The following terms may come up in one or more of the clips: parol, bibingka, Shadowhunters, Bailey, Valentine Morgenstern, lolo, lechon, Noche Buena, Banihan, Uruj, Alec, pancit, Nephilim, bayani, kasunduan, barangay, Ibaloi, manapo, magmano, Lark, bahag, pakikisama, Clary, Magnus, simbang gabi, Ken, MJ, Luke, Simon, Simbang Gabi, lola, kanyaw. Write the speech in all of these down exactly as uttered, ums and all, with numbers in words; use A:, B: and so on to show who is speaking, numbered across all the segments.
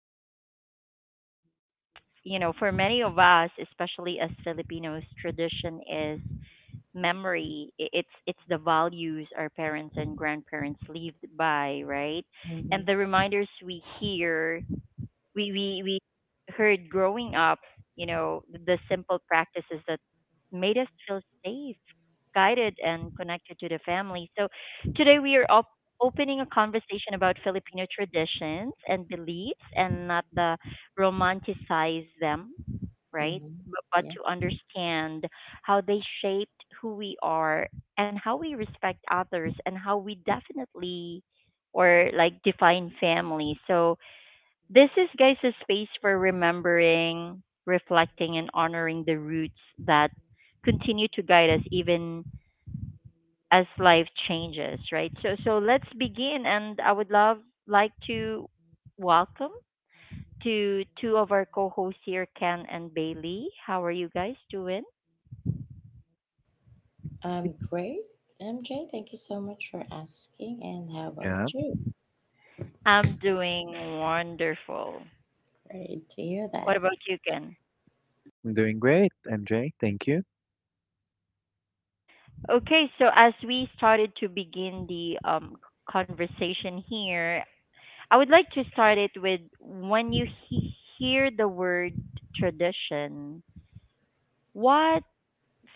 A: often think of customs, but you know, for many of us, especially as Filipinos, tradition is memory. I- It's it's the values our parents and grandparents lived by, right? And
B: Mm-hmm,
A: the reminders we hear we we we heard growing up, you know, the simple practices that made us feel safe, guided, and connected to the family. So today we are op- opening a conversation about Filipino traditions and beliefs, and not the romanticize them, right?
B: mm-hmm.
A: But, but
B: Yeah.
A: to understand how they shaped who we are and how we respect others and how we definitely or like define family. So this is, guys, a space for remembering, reflecting, and honoring the roots that continue to guide us even as life changes, right? So, so let's begin, and I would love like to welcome to two of our co-hosts here, Ken and Bailey. How are you guys doing?
B: Um, great, M J. Thank you so much for asking. And how about
C: Yeah,
B: you?
A: I'm doing wonderful.
B: Great to hear
A: What
B: that.
A: about you, Ken?
C: I'm doing great, M J. Thank you.
A: Okay, so as we started to begin the um, conversation here, I would like to start it with when you he- hear the word tradition, what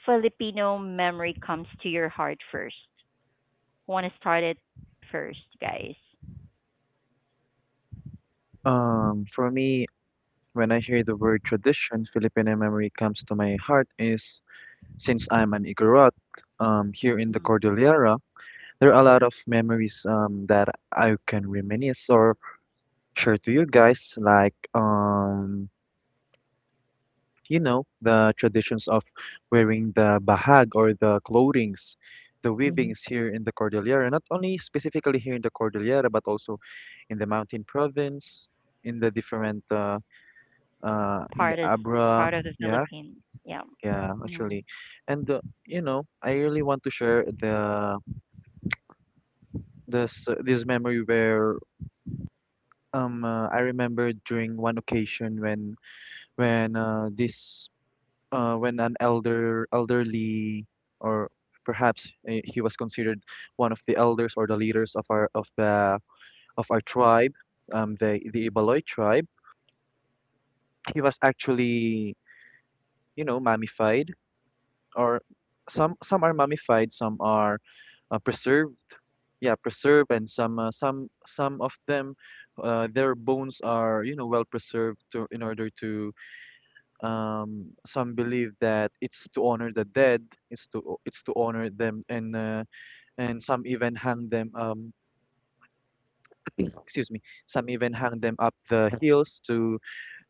A: Filipino memory comes to your heart first? Want to start it first, guys?
C: Um, for me, when I hear the word tradition, Filipino memory comes to my heart is since I'm an Igorot, um, here in the
A: Mm.
C: Cordillera, there are a lot of memories um that I can reminisce or share to you guys, like um you know, the traditions of wearing the bahag or the clothings, the
B: Mm-hmm,
C: weavings here in the Cordillera, not only specifically here in the Cordillera, but also in the mountain province, in the different, uh, uh, in the
A: Part is
C: Abra.
A: part of the
C: Yeah,
A: Philippines. Yeah.
C: yeah,
A: Mm.
C: actually. And, uh, you know, I really want to share the this uh, this memory where, um uh, I remember during one occasion when when uh, this uh, when an elder elderly, or perhaps uh, he was considered one of the elders or the leaders of our of the of our tribe, um the the Ibaloi tribe. He was actually, you know mummified, or some some are mummified, some are uh, preserved. Yeah, preserved. And some uh, some some of them, uh, their bones are, you know well preserved, to in order to— um, some believe that it's to honor the dead. It's to it's to honor them, and uh, and some even hang them, um excuse me, some even hang them up the hills to,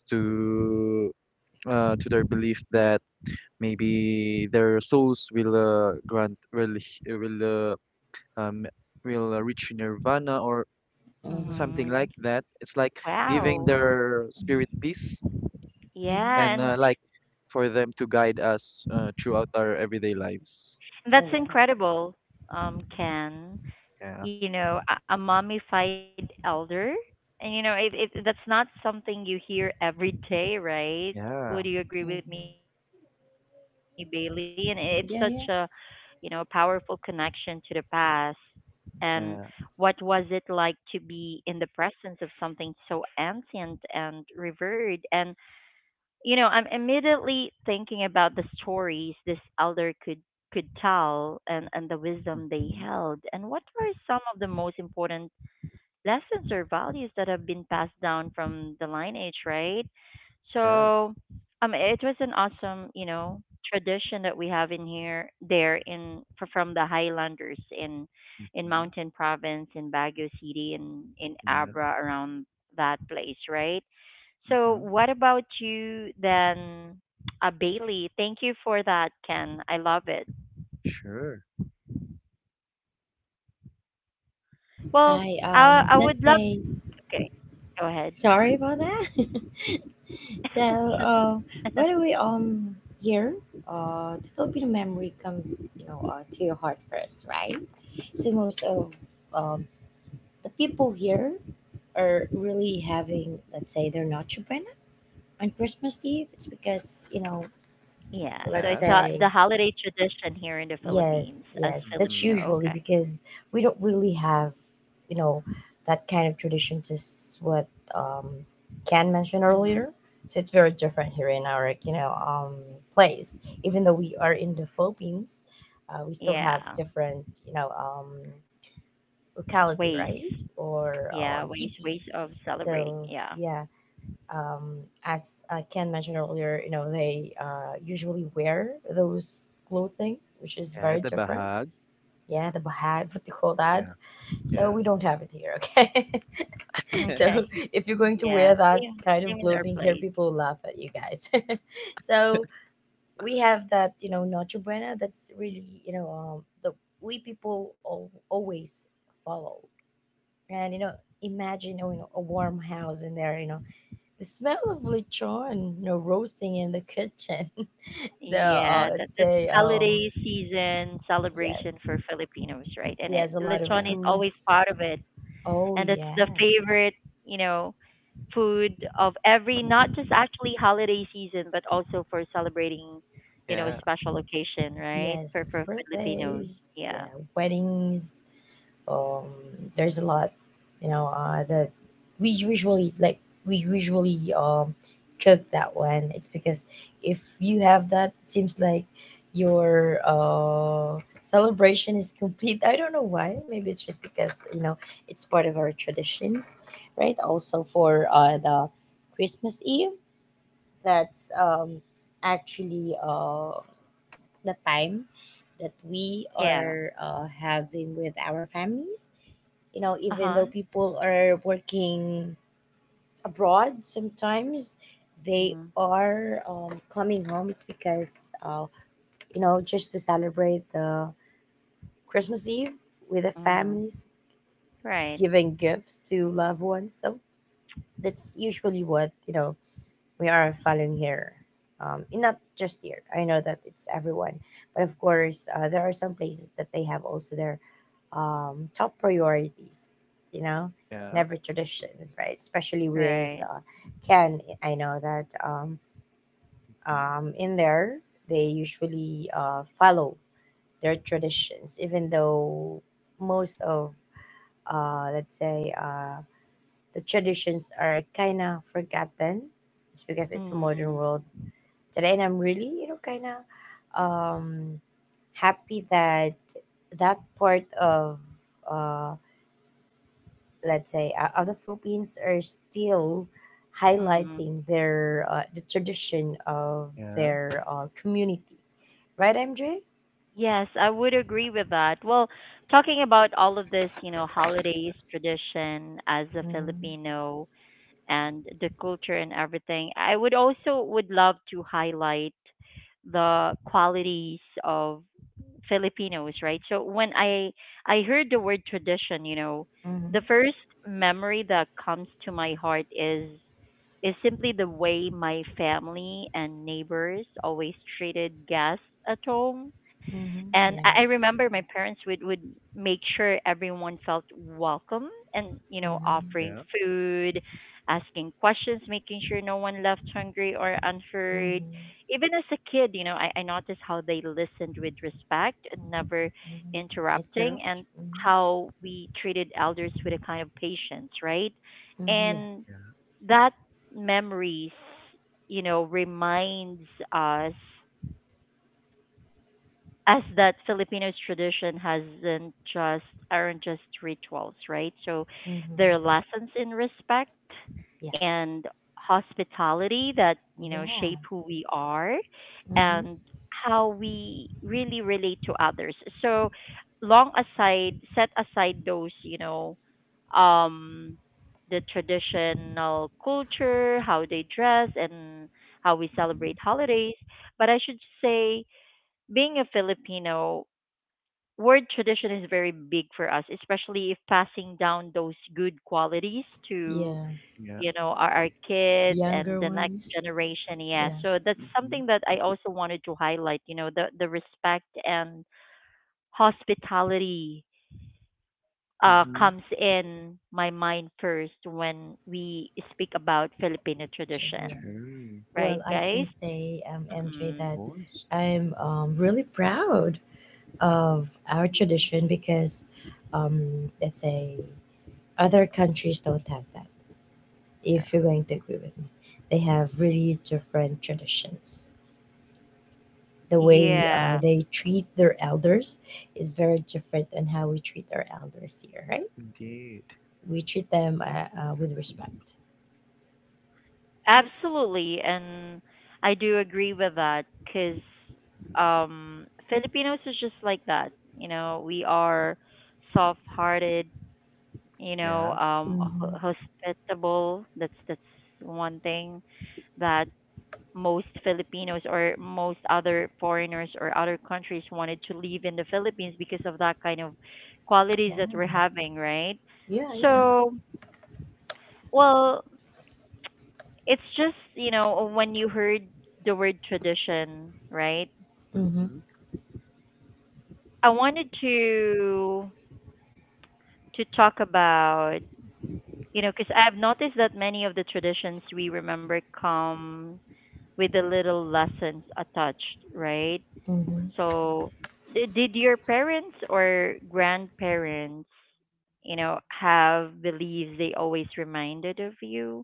C: to uh, to their belief that maybe their souls will, uh, grant will h- will uh, um will uh, reach nirvana, or
B: mm-hmm,
C: something like
A: hmm
C: that. It's like giving
A: Wow.
C: their spirit
A: Mhm.
C: peace,
B: mm-hmm.
A: Yeah,
C: and uh,
A: and
C: like, for them to guide us uh, throughout our everyday lives.
B: Oh,
A: that's
B: wow.
A: incredible, um, Ken.
C: Yeah,
A: You know, a, a mummified elder. And you know, it, it that's not something you hear every day, right? Would you
C: yeah,
A: agree with me, Bailey? And
B: Mm-hmm.
A: it's such a, you know, powerful
B: Yeah, yeah.
A: connection to the past. And what was it like to
C: yeah.
A: be in the presence of something so ancient and revered? And you know, I'm immediately thinking about the stories this elder could could tell, and, and the wisdom they held, and
C: Mm-hmm.
A: what were some of the most important lessons or values that have been passed down from the lineage, right?
C: Yeah.
A: So, um, it was an awesome, you know, tradition that we have in here, there in fr- from the Highlanders in in
C: Mm-hmm.
A: Mountain Province, in Baguio City, in in
C: Yeah.
A: Abra around that place, right? So,
C: Mm-hmm.
A: what about you then, uh, Bailey? Thank you for that, Ken. I love it.
C: Sure.
A: Well,
B: Hi.
A: I
B: Um,
A: I
B: let's
A: would love.
B: say
A: Okay, go ahead.
B: sorry about that. so,
A: Yes.
B: uh, by the way, um, here, uh, the Filipino memory comes, you know, uh, to your heart first, right? So most of um the people here are really having, let's say, they're not Japan. On Christmas Eve, it's because you know,
A: Yeah, so
B: let's
C: Yeah.
A: it's uh,
B: say
A: the holiday tradition here in the Philippines
B: yes,
A: as
B: yes, that's
C: Mm-hmm.
A: Filipino.
B: usually
A: Okay.
B: because we don't really have, you know, that kind of tradition. Just what um, Ken mentioned earlier,
A: hmm
B: so it's very different here in our you know um, place. Even though we are in the Philippines, uh, we still have
A: Yeah,
B: different you know um, locality,
A: ways.
B: right, or um,
A: Yeah, ways
B: city.
A: ways of celebrating.
B: So
A: Yeah.
B: yeah, um, as uh, Ken mentioned earlier, you know, they uh, usually wear those clothing, which is
C: Yeah,
B: very
C: the
B: different.
C: bahag.
B: Yeah, the bahag, what they call that.
C: Yeah,
B: So
C: yeah.
B: we don't have it here, okay? So
A: Okay.
B: if you're going to wear
A: Yeah,
B: that
A: same
B: kind of
A: same in our
B: clothing here,
A: place.
B: people will laugh at you guys. So we have that, you know, Noche Buena. That's really, you know, um, the we people al- always follow. And you know, imagine you know, a warm house in there, you know the smell of lechon, you know, roasting in the kitchen. the uh,
A: Yeah,
C: Mm-hmm.
A: that
B: I'd
A: that's
B: say um
A: holiday season celebration
B: yes,
A: for Filipinos, right? And
B: he
A: it,
B: has a lot of
A: lechon
C: Yeah.
A: is always
B: foods.
A: part of it.
B: Oh
A: And it's the
B: yes,
A: favorite, you know, food of every not just actually holiday season, but also for celebrating, you know, a
C: Yeah.
A: special occasion, right?
B: yes,
A: For
B: his
A: for Filipinos,
C: Mm-hmm.
B: birthdays,
A: yeah.
B: yeah, weddings, um, there's a lot you know uh, that we usually like we usually um, cook that one. It's because if you have that, seems like your uh, celebration is complete. I don't know why. Maybe it's just because you know it's part of our traditions, right? Also for uh, the Christmas Eve, that's um, actually uh, the time that we
A: yeah,
B: are uh, having with our families. You know,
A: uh
B: even
A: huh,
B: though people are working abroad sometimes, they
A: mm-hmm.
B: are um, coming home. It's because, uh, you know, just to celebrate the Christmas Eve with the
A: mm
B: families,
A: right,
B: giving gifts to loved ones. So that's usually what, you know, we are following here. Um, and not just here. I know that it's everyone, but of course, uh, there are some places that they have also their um, top priorities. You know, in
C: Yeah.
B: every traditions, right? Especially with
A: right.
B: uh, Ken, I know that um,
C: Mhm.
B: um, in there they usually uh, follow their traditions, even though most of uh, let's say uh, the traditions are kind of forgotten. It's because it's a
A: mm-hmm.
B: modern world today, and I'm really you know kind of um happy that that part of uh let's say uh, of the Philippines are still
A: Mm-hmm.
B: highlighting their uh, the tradition of
C: Yeah.
B: their uh, community, right, MJ?
A: Yes, I would agree with that. Well, talking about all of this, you know, holidays tradition as a
B: Mm-hmm.
A: Filipino,
C: Mhm.
A: and the culture and everything. I would also would love to highlight the qualities of Filipinos, right? So when I I heard the word tradition, you know, the
B: Mm-hmm.
A: first memory that comes to my heart is is simply the way my family and neighbors always treated guests at home,
B: Mm-hmm.
A: and
B: Yeah.
A: I I remember my parents would would make sure everyone felt welcome, and you know
B: Mm-hmm.
A: offering
C: Yeah,
A: food, asking questions, making sure no one left hungry or unheard.
B: Mm-hmm.
A: Even as a kid, you know, I, I noticed how they listened with respect and never
B: Mm-hmm.
A: interrupting,
B: Interrupt.
A: and
B: Mm-hmm.
A: how we treated elders with a kind of patience, right?
B: Mm-hmm. Yeah.
A: And
C: yeah.
A: that memories, you know, reminds us as that Filipinos tradition hasn't just aren't just rituals, right? So they're
B: Mm-hmm.
A: lessons in respect
B: Yeah,
A: and hospitality that, you know, shape
B: yeah.
A: who we are
B: Mm-hmm.
A: and how we really relate to others. So long aside set aside those, you know, um the traditional culture, how they dress and how we
C: Mm-hmm.
A: celebrate holidays, but I should say being a Filipino, word tradition is very big for us, especially if passing down those good qualities to
B: Yeah.
C: Yeah.
A: you know our, our kids
B: Younger
A: and the next
B: ones.
A: generation. Yeah,
B: Yeah.
A: so that's
C: Mm-hmm.
A: something that I also wanted to highlight. You know, the the respect and hospitality uh,
C: Mm-hmm.
A: comes in my mind first when we speak about Filipino
B: Gen- yeah.
A: tradition,
C: True.
A: right,
B: Well, I can
A: guys?
B: say, um, M J,
A: Mm-mm.
C: Of
B: that
C: course.
B: I'm um, really proud of our
A: Mm.
B: tradition because, um, let's say, other countries don't have that, if
C: Yeah.
B: you're going to agree with me. They have really different traditions. The way uh,
A: Yeah.
B: they treat their elders is very different than how we treat our elders here, right?
C: Indeed.
B: We treat them uh, uh, with respect.
A: Absolutely, and I do agree with that because um, Filipinos are just like that. You know, we are soft-hearted. You know,
C: Yeah.
A: um, ho-
B: Hmm.
A: hospitable. That's that's one thing that most Filipinos or most other foreigners or other countries wanted to live in the Philippines because of that kind of
B: Yeah,
A: qualities that we're having, right?
B: yeah,
C: Yeah.
A: So, well, it's just you know when you heard the word tradition, right?
B: yeah. Hmm.
C: Mm-hmm. Of
A: I wanted to to talk about, you know, because I've noticed that many of the traditions we remember come with a little lessons attached, right?
B: Hmm.
A: So di- did your parents or grandparents, you know, have beliefs they always reminded of you,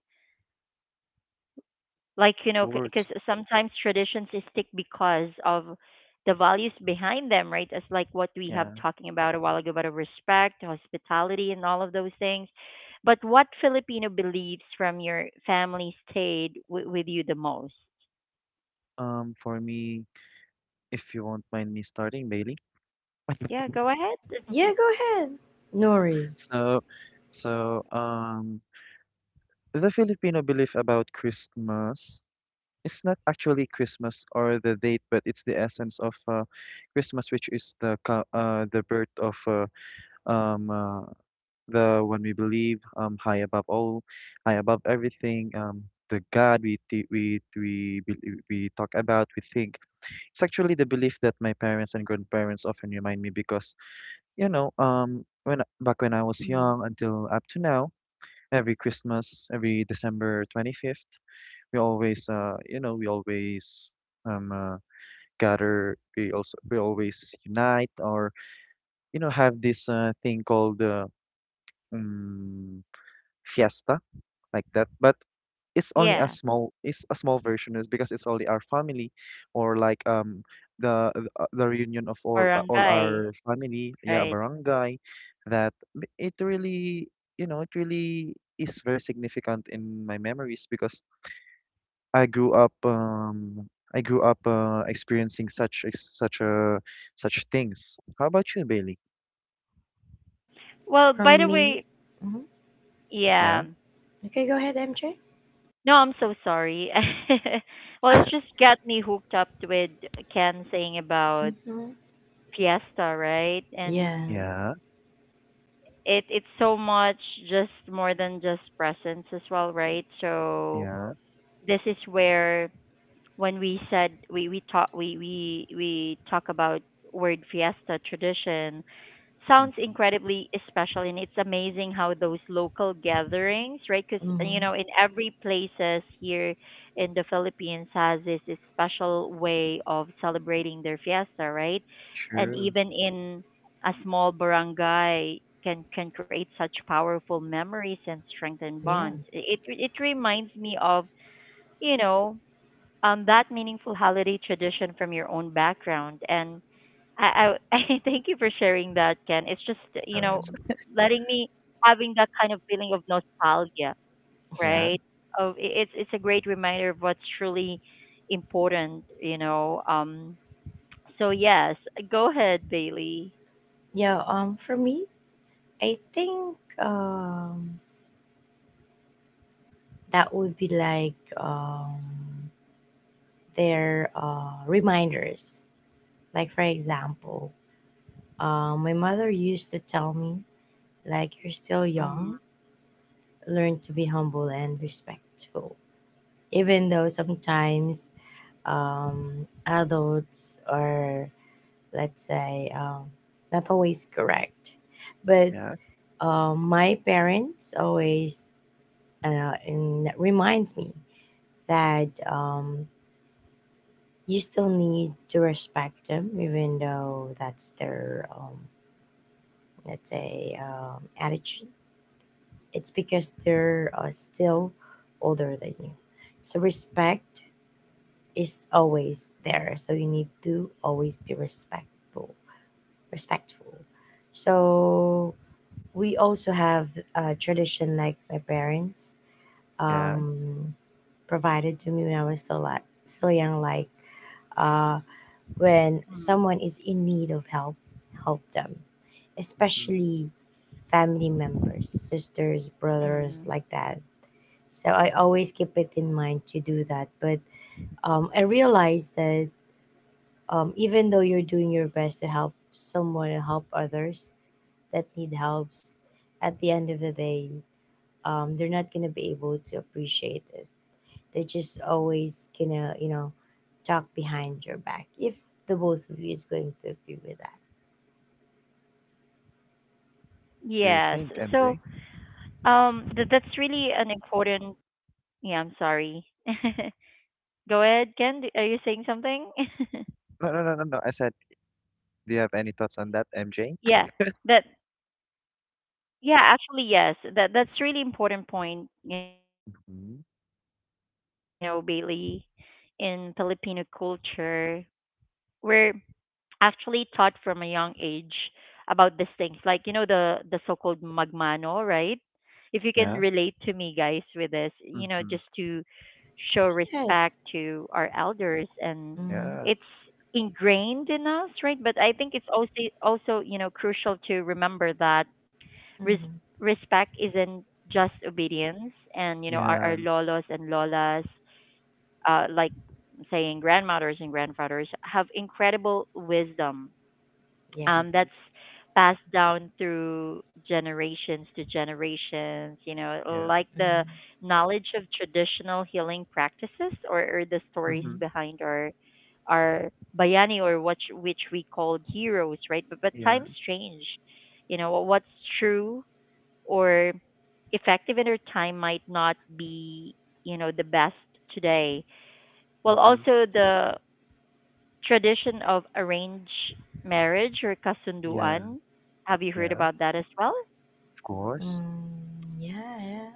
A: like, you know, because
C: course.
A: sometimes traditions is stick because of the values behind them, right? As like what we have
C: Yeah.
A: talking about a while ago about a respect, hospitality, and all of those things, but what Filipino beliefs from your family stayed w- with you the most?
C: Um, for me, if you won't mind me starting, Bailey.
A: Yeah, go ahead.
B: Yeah, go ahead. Norris
C: So, so um, the Filipino belief about Christmas is not actually Christmas or the date, but it's the essence of uh, Christmas, which is the co- uh, the birth of, uh, um uh, the one we believe, um, high above all, high above everything. Um, the God we th- we we bel- we talk about, we think. It's actually the belief that my parents and grandparents often remind me, because you know um when back when I was
A: Mhm.
C: young until up to now, every Christmas, every December twenty-fifth, we always uh you know we always um. Uh, gather we also we always unite, or you know have this uh, thing called, uh, um, fiesta, like that, but it's only a
A: yeah
C: small it's a small version, is because it's only our family, or like, um the uh, the reunion of all uh, all
A: barangay,
C: our family. Yeah,
A: right.
C: barangay. That m- it really, you know it really is very significant in my memories, because I grew up um I grew up uh, experiencing such ex- such uh such things. How about you, Bailey?
A: Well,
B: from
A: by the
B: me.
A: way,
B: Hmm.
C: Yeah.
A: yeah.
B: Okay, go ahead, M J.
A: No, I'm so sorry. well, it's just got me hooked up with Ken saying about
B: Hmm.
A: fiesta, right?
B: Yeah.
A: And
C: Yeah,
A: it it's so much just more than just presents as well, right? So
C: yeah.
A: this is where when we said we we talk we we we talk about word fiesta tradition sounds
C: Hmm.
A: incredibly special, and it's amazing how those local gatherings, right? Because you
B: Hmm.
A: know in every places here in the Philippines has this, this special way of celebrating their fiesta, right? And
C: True.
A: even in a small barangay can can create such powerful memories and strengthen
B: Yeah.
A: bonds. it it reminds me of, you know, um, that meaningful holiday tradition from your own background. And I, I, I thank you for sharing that, Ken. It's just, you
C: No,
A: know,
C: it's
B: Hmm.
A: letting me having that kind of feeling of nostalgia,
C: yeah,
A: right? Of i- it's it's a great reminder of what's truly important, you know. Um, so yes, go ahead, Bailey.
B: Yeah. Um, for me, I think um that would be like um their uh reminders. Like for example, uh, my mother used to tell me, like, you're still young,
A: Mm-hmm.
B: learn to be humble and respectful. Even though sometimes um, adults are, let's say, um, not always correct. But
C: yeah,
B: uh, my parents always uh, and reminds me that um, you still need to respect them, even though that's their, um, let's say, um, attitude. It's because they're uh, still older than you. So respect is always there. So you need to always be respectful, respectful. So we also have a tradition like my parents
C: yeah.
B: um, provided to me when I was still like still young, like uh, when
A: Mm-hmm.
B: someone is in need of help, help them,
C: Mm-hmm.
B: especially family members, sisters,
A: mm-hmm.
B: brothers, like that. So I always keep it in mind to do that. But um, I realized that um, even though you're doing your best to help someone and help others that need helps, at the end of the day um, they're not gonna be able to appreciate it. They're just always gonna you know talk behind your back if the both of you is going to agree with that.
C: Do you
A: Yes.
C: think,
A: So
C: M J?
A: um, th- that's really an important. Yeah, I'm sorry. Go ahead, Ken. d- Are you saying something?
C: No, no, no, no, no. I said, do you have any thoughts on that, M J?
A: Yeah, that yeah, actually yes. That that's really important point, you know, Bailey,
C: Mm-hmm.
A: in Filipino culture. We're actually taught from a young age about these things. Like, you know, the the so-called magmano, right? If you can relate to me guys with this,
C: Yeah.
A: you know, just to show
C: Mm-hmm.
A: respect to our
B: Yes.
A: elders. And it's
B: Mm-hmm.
C: Yeah.
A: ingrained in us, right? But I think it's also also, you know, crucial to remember that res-
B: Mm-hmm.
A: respect isn't just obedience, and you know our, our lolos
C: Yeah.
A: and lolas uh, like saying grandmothers and grandfathers have incredible wisdom
B: Yeah.
A: um, that's
C: Mm-hmm.
A: passed down through generations to generations. You know,
C: Yeah.
A: like the
B: Mm-hmm.
A: knowledge of traditional healing practices, or, or the stories
C: Mm-hmm.
B: Mm-hmm.
A: behind our our bayani, or what which we called heroes, right? But but times
C: Yeah.
A: change. You know, what's true or effective in our time might not be you know the best today. Well,
C: Mm-hmm.
A: also the tradition of arranged marriage or
C: Yeah.
A: kasunduan. Have you heard
C: Yeah.
A: about that as well?
C: Of course.
B: Mm, yeah, yeah,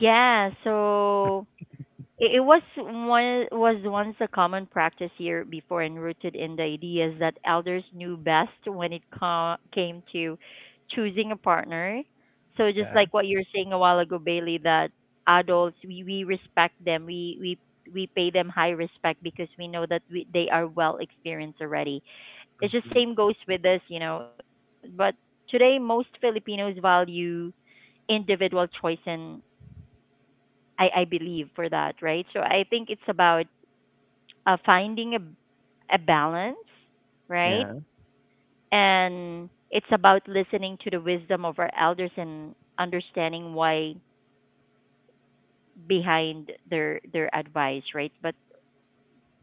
A: Yeah, so It it was one was once a common practice here before, and rooted in the ideas that elders knew best when it co- came to choosing a partner. So just
C: Yeah.
A: like what you were saying a while ago, Bailey, that adults we, we respect them, we we we pay them high respect because we know that we, they are well experienced already. It's just
C: Mm-hmm.
A: same goes with us, you know. But today most Filipinos value individual choice, and I, I believe for that, right? So I think it's about uh, finding a, a balance, right?
C: Yeah.
A: And it's about listening to the wisdom of our elders and understanding why behind their their advice, right? But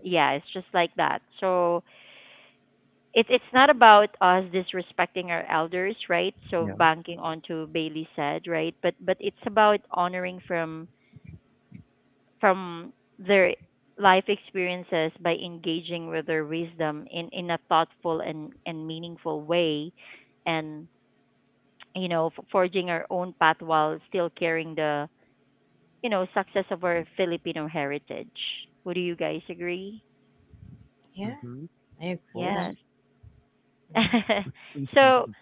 A: yeah, it's just like that. So it's it's not about us disrespecting our elders, right? So
C: Yeah.
A: banking onto Bailey said, right? But but it's about honoring from from their life experiences by engaging with their wisdom in, in a thoughtful and, and meaningful way, and you know f- forging our own path while still carrying the you know success of our Filipino heritage. Would you guys agree?
B: yeah,
C: Mm-hmm.
B: I
C: Of
B: agree with
C: course.
B: that.
A: Yes.
B: Yeah.
A: so
C: Hmm.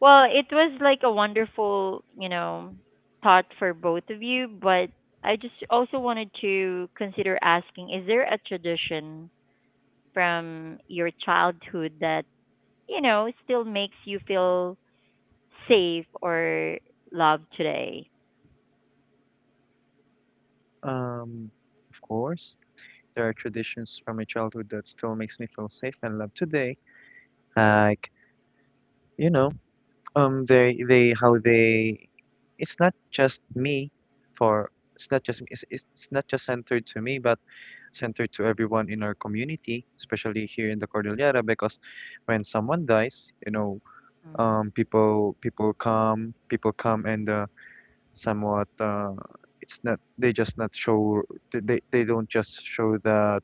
A: well it was like a wonderful, you know, thought for both of you, but I just also wanted to consider asking, is there a tradition from your childhood that, you know, still makes you feel safe or loved today?
C: Um, of course. There are traditions from my childhood that still makes me feel safe and loved today. Like, you know, um they they how they it's not just me, for it's not just it's, it's not just centered to me, but centered to everyone in our community, especially here in the Cordillera, because when someone dies, you know
A: Mm,
C: um people people come people come and, uh, somewhat, uh, it's not they just not show they they they don't just show the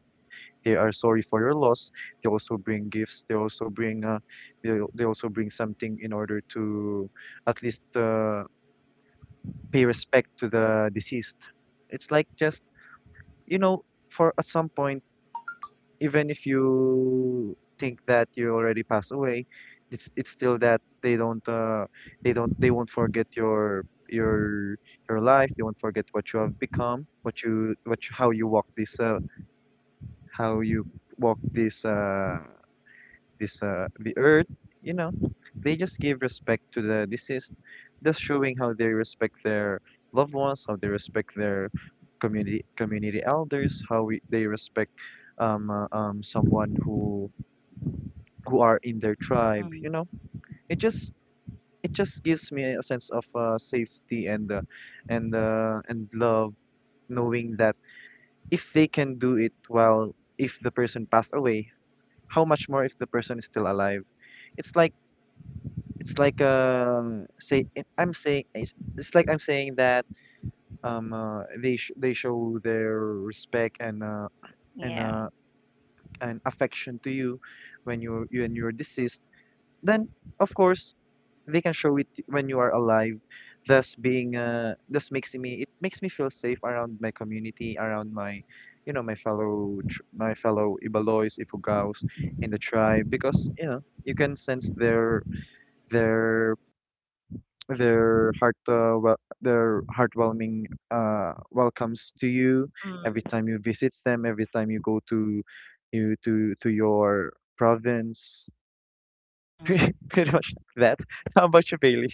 C: they are sorry for your loss. They also bring gifts, they also bring, uh, they, they also bring something in order to at least uh, pay respect to the deceased. It's like just, you know for at some point, even if you think that you already passed away, it's it's still that they don't, uh, they don't they won't forget your your your life, they won't forget what you have become, what you what you, how you walk this uh, how you walk this uh this uh, the earth, you know, they just give respect to the deceased, thus showing how they respect their loved ones, how they respect their community community elders, how we, they respect, um, uh, um someone who who are in their tribe.
A: mm,
C: You know, it just it just gives me a sense of, uh, safety, and uh, and uh, and love, knowing that if they can do it while if the person passed away, how much more if the person is still alive? It's like It's like, uh, say I- I'm saying, it's, it's like I'm saying that, um uh, they sh they show their respect, and uh and
A: yeah.
C: uh and affection to you when you're, you and you're deceased. Then of course they can show it when you are alive. Thus being uh thus makes me it makes me feel safe around my community, around my you know my fellow tr my fellow Ibaloys, Ifugaos in the tribe, because you know, you can sense their, their their heart uh, wel- their heartwarming uh, welcomes to you
A: Mm,
C: every time you visit them, every time you go to, you to to your province. Pretty,
A: mm,
C: pretty much like that. How about you, Bailey?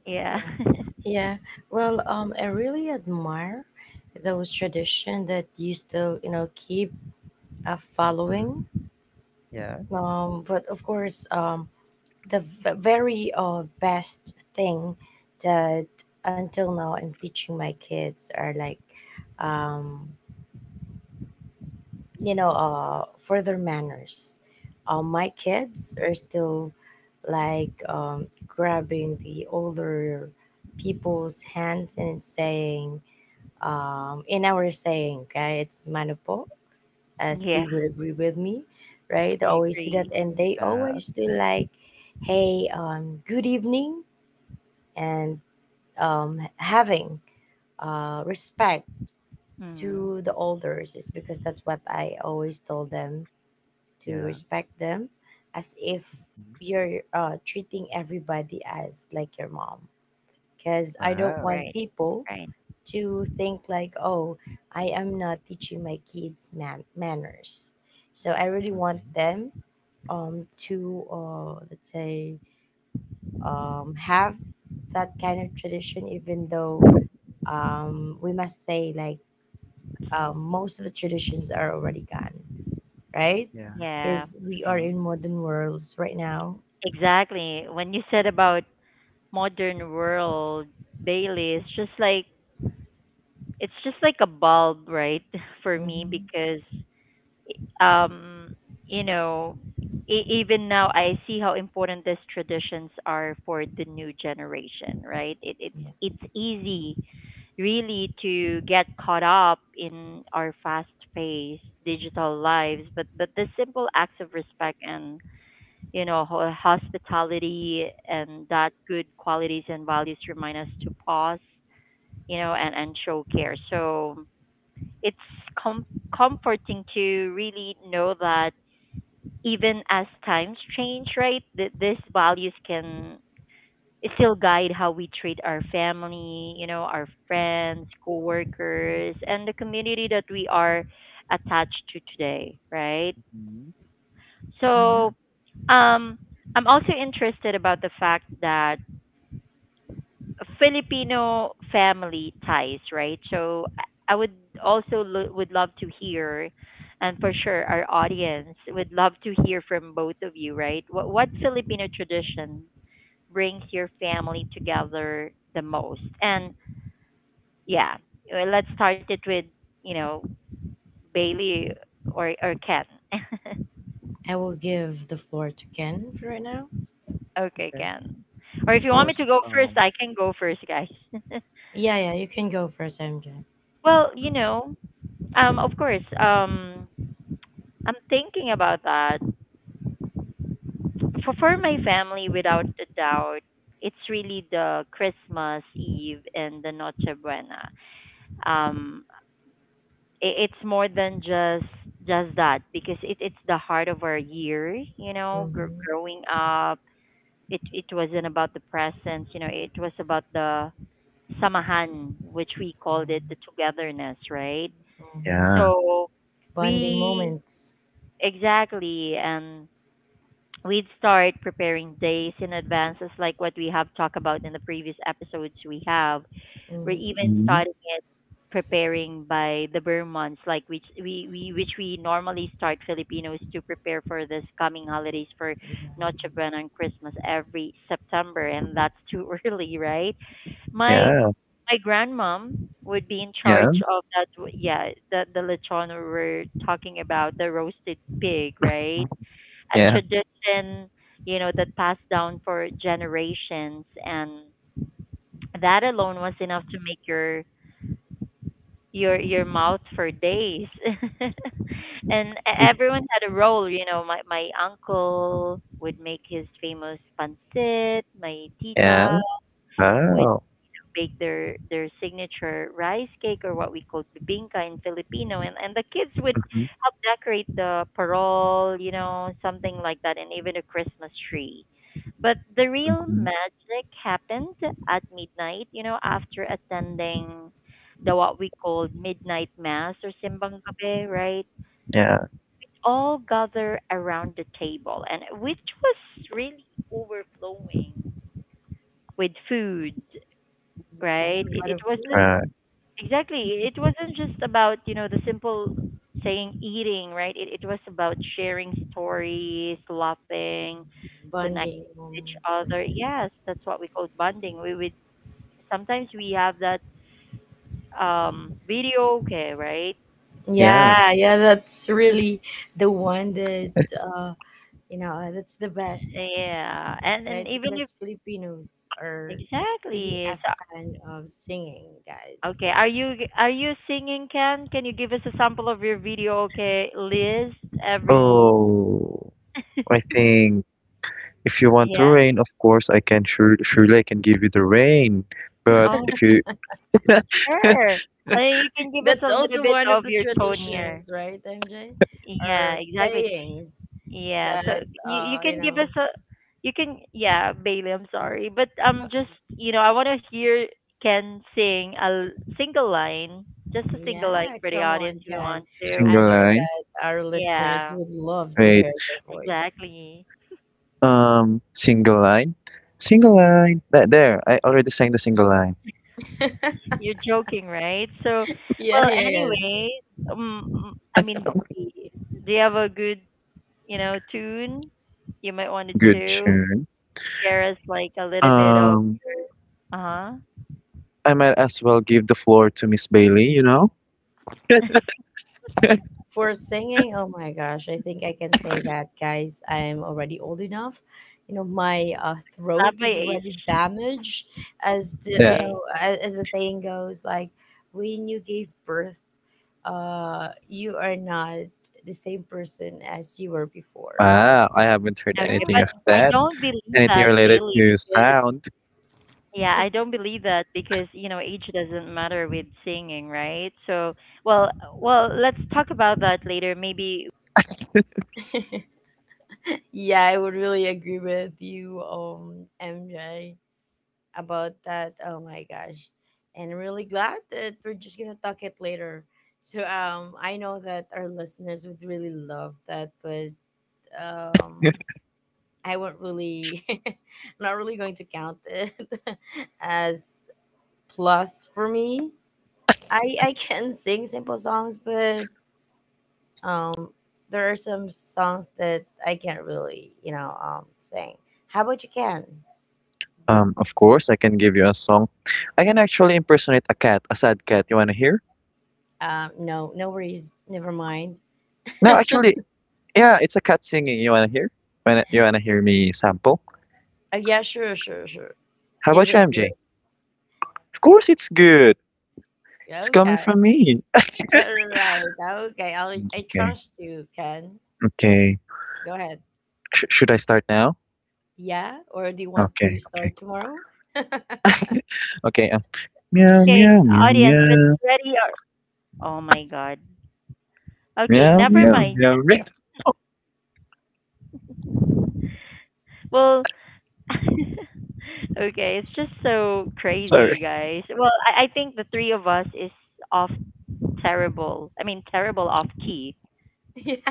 A: yeah.
B: Yeah, well, um, I really admire those tradition that you still, you know, keep uh,
C: Hmm.
B: following.
C: Yeah.
B: Um, but of course, um, the v- very uh, best thing that until now I'm teaching my kids are like, um, you know, uh, further manners. Uh, my kids are still like um, grabbing the older people's hands and saying, um, in our saying, okay, it's manapo, as
A: yeah,
B: you would agree with me, right? They
A: I
B: always do that,
A: agree.
B: and they
C: uh,
B: always do like, hey, um, good evening, and um, having uh, respect
A: Mm,
B: to the elders, is because that's what I always told them, to
C: yeah.
B: respect them, as if
C: Mhm.
B: you're uh, treating everybody as like your mom, because I don't
C: Wow.
B: want
A: right,
B: people
A: right.
B: to think like, oh, I am not teaching my kids man- manners. So I really want
C: Hmm.
B: them um, to, uh, let's say, um, have that kind of tradition, even though um, we must say like um, most of the traditions are already gone, right?
C: Yeah.
A: Yeah,
B: Because we are
C: Hmm.
B: in modern worlds right now.
A: exactly. When you said about modern world, Bailey, it's just like, it's just like a bulb, right, for me
B: Hmm.
A: because um you know e- even now I see how important these traditions are for the new generation, right? it, it's
B: Yeah.
A: it's easy really to get caught up in our fast paced digital lives, but but the simple acts of respect and you know ho- hospitality and that good qualities and values remind us to pause you know and and show care. So it's com- comforting to really know that even as times change, right? Th- these values can still guide how we treat our family, you know, our friends, coworkers, and the community that we are attached to today, right?
C: Hmm. Yeah.
B: Hmm.
A: So, um, I'm also interested about the fact that Filipino family ties, right? So I I would also lo- would love to hear, and for sure our audience would love to hear from both of you, right? What what Filipino tradition brings your family together the most? And yeah, uh, let's start it with you know Bailey or or Ken.
B: I will give the floor to Ken for right now.
A: Okay,
C: Okay.
A: Ken. Or
C: Of
A: if you want me
C: course.
A: to go first,
C: Um
A: I can go first, guys.
B: Yeah, yeah, you can go first, M J.
A: Well, you
C: mhm.
A: know, um, of course, um, I'm thinking about that. For, for my family, without a doubt, it's really the Christmas Eve and the Noche Buena. Um, I it's more than just just that, because it, it's the heart of our year. You know, gr-
B: Mm-hmm.
A: growing up, it it wasn't about the presents. You know, it was about the samahan, which we called it the togetherness, right?
B: Mhm.
C: Yeah.
A: So
B: Bonding
A: we
B: moments.
A: exactly, and we'd start preparing days in advance, as like what we have talked about in the previous episodes we have. We're
B: Mhm,
A: even
C: Hmm.
A: starting it preparing by the bare months, like which we, we which we normally start Filipinos to prepare for this coming holidays for Noche Buena and Christmas every September, and that's too early, right? My
C: Yeah,
A: my grandmom would be in
C: yeah.
A: charge of that. w- Yeah, the the lechon we were talking about, the roasted pig, right? A
C: Yeah,
B: mhm.
A: tradition, you know, that passed down for generations, and that alone was enough to make your your your mouth for days. And e- everyone had a role, you know. My my uncle would make his famous pancit. My
C: yeah.
A: tita would
B: Mhm.
C: Wow.
A: bake their their signature rice cake, or what we call bibingka in Filipino, and and the kids would
C: Hmm.
A: help decorate the parol, you know, something like that, and even a Christmas tree. But the real
C: Hmm.
A: magic happened at midnight, you know, after attending the what we called midnight mass or simbang gabi, right?
C: Yeah.
A: All gather around the table, and which was really overflowing with food,
B: Yeah,
A: right?
B: a
A: It
B: lot
A: it
B: of food.
A: wasn't
C: Right.
A: exactly, it wasn't just about, you know, the simple saying eating, right? It it was about sharing stories, laughing,
B: Bonding
A: connecting with each
B: moments like
A: other.
B: that.
A: Yes, that's what we call bonding. We we sometimes we have that um video. Okay, right,
C: Yeah.
B: Yeah, yeah, that's really the one that uh you know uh, that's the best,
A: yeah, and and
B: right?
A: even if,
B: Because Filipinos are really
A: exactly,
B: a
A: so
B: fan of singing, guys.
A: okay, are you g- are you singing, Ken? Can you give us a sample of your video? Okay, list every,
C: Oh, I think if you want to
A: yeah.
C: rain, of course I can, sure surely I can give you the rain. But
A: Oh,
C: if you—
A: sure. And you can give us
B: That's
A: a little
B: also
A: bit
B: one of
A: of
B: the
A: your tone here.
B: traditions, right, M J? Or
A: Yeah, exactly.
B: sayings
A: Yeah, so
B: that
A: you you
B: uh you
A: can give us
B: know
A: a you can yeah, Bailey, I'm sorry, but um just, you know, I want to hear Ken sing a l- single line, just a single line
B: Yeah,
A: for the
B: come on,
A: audience if you
B: Ken.
A: want
B: I
A: to.
C: Single
B: know
C: line.
B: that our listeners
A: Yeah,
B: would love to
C: Wait,
B: hear your voice.
A: exactly.
C: um, single line, single line. That there, I already sang the single line.
A: You're joking, right? So,
B: Yeah,
A: well,
B: yeah, yes.
A: anyway, um, I mean, Bailey, do you have a good, you know, tune? You might want
C: Good
A: to
C: tune.
A: share us like a little bit of,
C: Um,
A: uh-huh.
C: I might as well give the floor to Miss Bailey, you know?
B: For singing, oh my gosh, I think I can say that, guys. I'm already old enough. You know, my uh,
A: Not
B: throat
A: by
B: is already
A: age.
B: damaged, as the you
C: Yeah.
B: know,
A: Okay.
B: as, as the saying goes, like when you gave birth, uh, you are not the same person as you were before.
C: Wow, I haven't heard
B: Yeah,
A: Okay,
C: anything of
A: but I
C: that.
A: don't believe
C: Anything
A: that,
C: related
A: Bailey,
C: to
A: because
C: sound.
A: yeah, I don't believe that because, you know, age doesn't matter with singing, right? So, well, well, let's talk about that later. Maybe
B: Yeah, I would really agree with you, um, M J, about that. Oh my gosh. And I'm really glad that we're just gonna talk it later. So um I know that our listeners would really love that, but um I won't really I'm not really going to count it as plus for me. I I can sing simple songs, but um there are some songs that I can't really, you know, um sing. How about you can?
C: Um, of course, I can give you a song. I can actually impersonate a cat, a sad cat. You wanna hear?
B: Um, no, no worries. Never mind.
C: No, actually, yeah, it's a cat singing. You wanna hear? Wanna, you wanna hear me sample?
B: Uh, yeah, sure, sure, sure.
C: How
B: Is
C: about you,
B: it real?
C: M J? Of course, it's good.
B: Yeah,
C: It's coming
B: okay.
C: from me.
B: All right. Okay. I'll, I
C: Okay,
B: trust you, Ken.
C: okay.
B: Go ahead.
C: Sh Should I start now?
B: Yeah? Or do you want to
C: Okay, okay,
B: start tomorrow?
C: okay. Uh, meow,
A: okay,
C: meow, meow,
A: audience, what's
C: meow,
A: ready or, oh my God. Okay,
C: meow,
A: never
C: meow,
A: mind.
C: meow, meow.
A: Well, okay, it's just so
C: Sorry.
A: crazy, guys. Well, I, I think the three of us is off, terrible. I mean, terrible off key.
B: Yeah,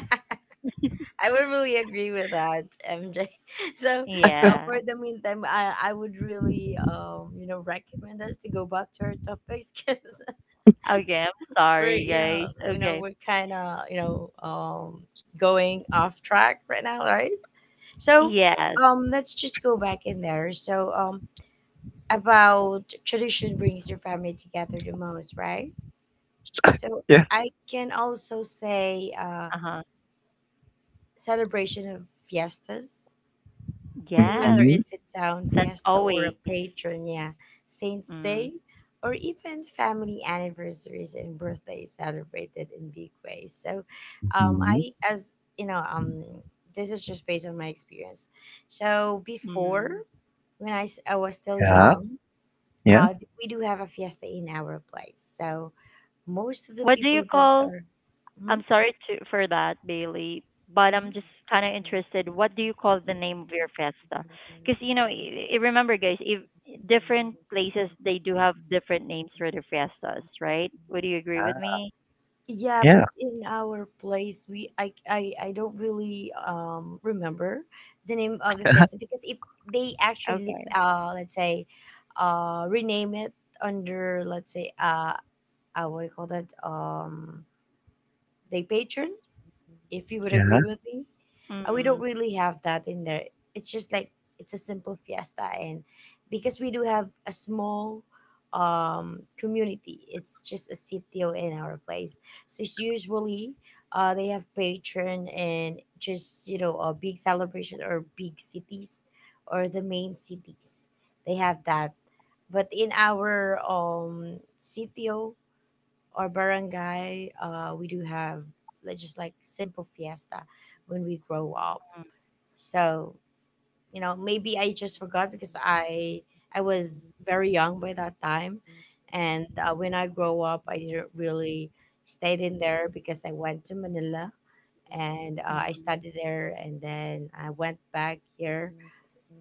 B: I would really agree with that, M J. So, uh,
A: Yeah.
B: for the meantime, I, I would really um you know recommend us to go back to our topics because
A: Okay, I'm
B: we're
A: sorry,
B: you know
A: guys.
B: you know
A: Okay.
B: we're kind of you know um going off track right now, right? So,
A: Yes.
B: um, let's just go back in there. So, um, about tradition brings your family together the most, right? So,
C: Yeah.
B: I can also say, uh,
A: Uh-huh.
B: celebration of fiestas. So
A: Yes,
B: whether
C: Mm-hmm,
B: it's a town
A: that's
B: fiesta or a
A: always.
B: patronia, Saints
A: Mm.
B: Day, or even family anniversaries and birthdays celebrated in big ways. So, um,
C: mm-hmm.
B: I as you know, um, this is just based on my experience. So
A: Mm.
B: before, when I, s- I was still
C: Yeah,
B: young,
C: yeah,
B: uh, we do have a fiesta in our place. So most of the
A: What do you
B: people that
A: call?
B: are, Mhm,
A: I'm sorry to for that, Bailey, but
B: mhm.
A: I'm just kind of interested. What do you call the name of your fiesta? Because you know, y- y- remember, guys, if different places they do have different names for their fiestas, right? Would you agree with
C: uh,
A: me?
B: Yeah,
C: yeah,
B: but in our place, we I I, I don't really um remember the name of the festival because it they actually
A: Okay.
B: uh let's say uh rename it under let's say uh uh what do you call that, um they patron, if you would agree
C: yeah.
B: with
A: Mm.
B: me. Uh, we don't really have that in there. It's just like it's a simple fiesta, and because we do have a small um community, it's just a sitio in our place. So it's usually uh they have patron, and just you know a big celebration, or big cities or the main cities. They have that, but in our um sitio, or barangay, uh, we do have like just like simple fiesta when we grow up. So you know, Maybe I just forgot because I I was very young by that time, and uh, when I grow up, I didn't really stayed in there because I went to Manila
A: Mm.
B: and uh, I
A: Mm.
B: studied there, and then I went back here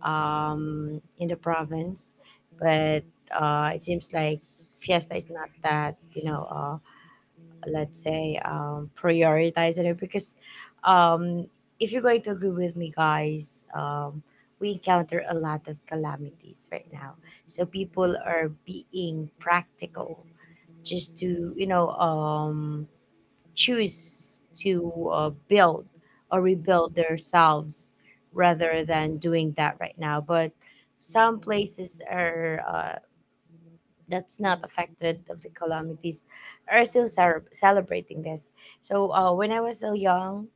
B: um, in the province, but uh, it seems like fiesta is not that you know. Uh, let's say um, prioritizing it because um, if you're going to agree with me guys um, we encounter a lot of calamities right now, so people are being practical just to you know um, choose to uh, build or rebuild themselves rather than doing that right now, but some places are uh, that's not affected of the calamities are still cel- celebrating this. So uh, when I was still young,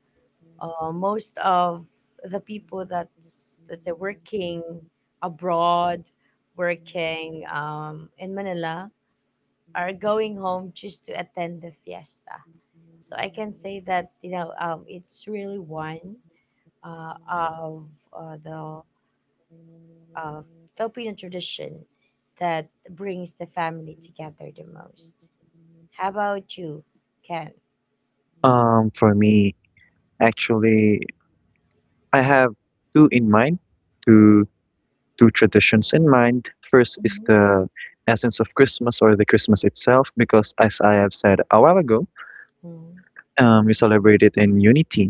B: uh, most of the people that's let's say working abroad, working um, in Manila are going home just to attend the fiesta. So I can say that you know um, it's really one uh, of uh, the uh, Filipino tradition that brings the family together the most. How about you, Ken?
C: Um, for me, actually. I have two in mind, two two traditions in mind. First is
B: Mm-hmm.
C: the essence of Christmas or the Christmas itself, because as I have said a while ago,
B: Mm.
C: um, we celebrate it in unity.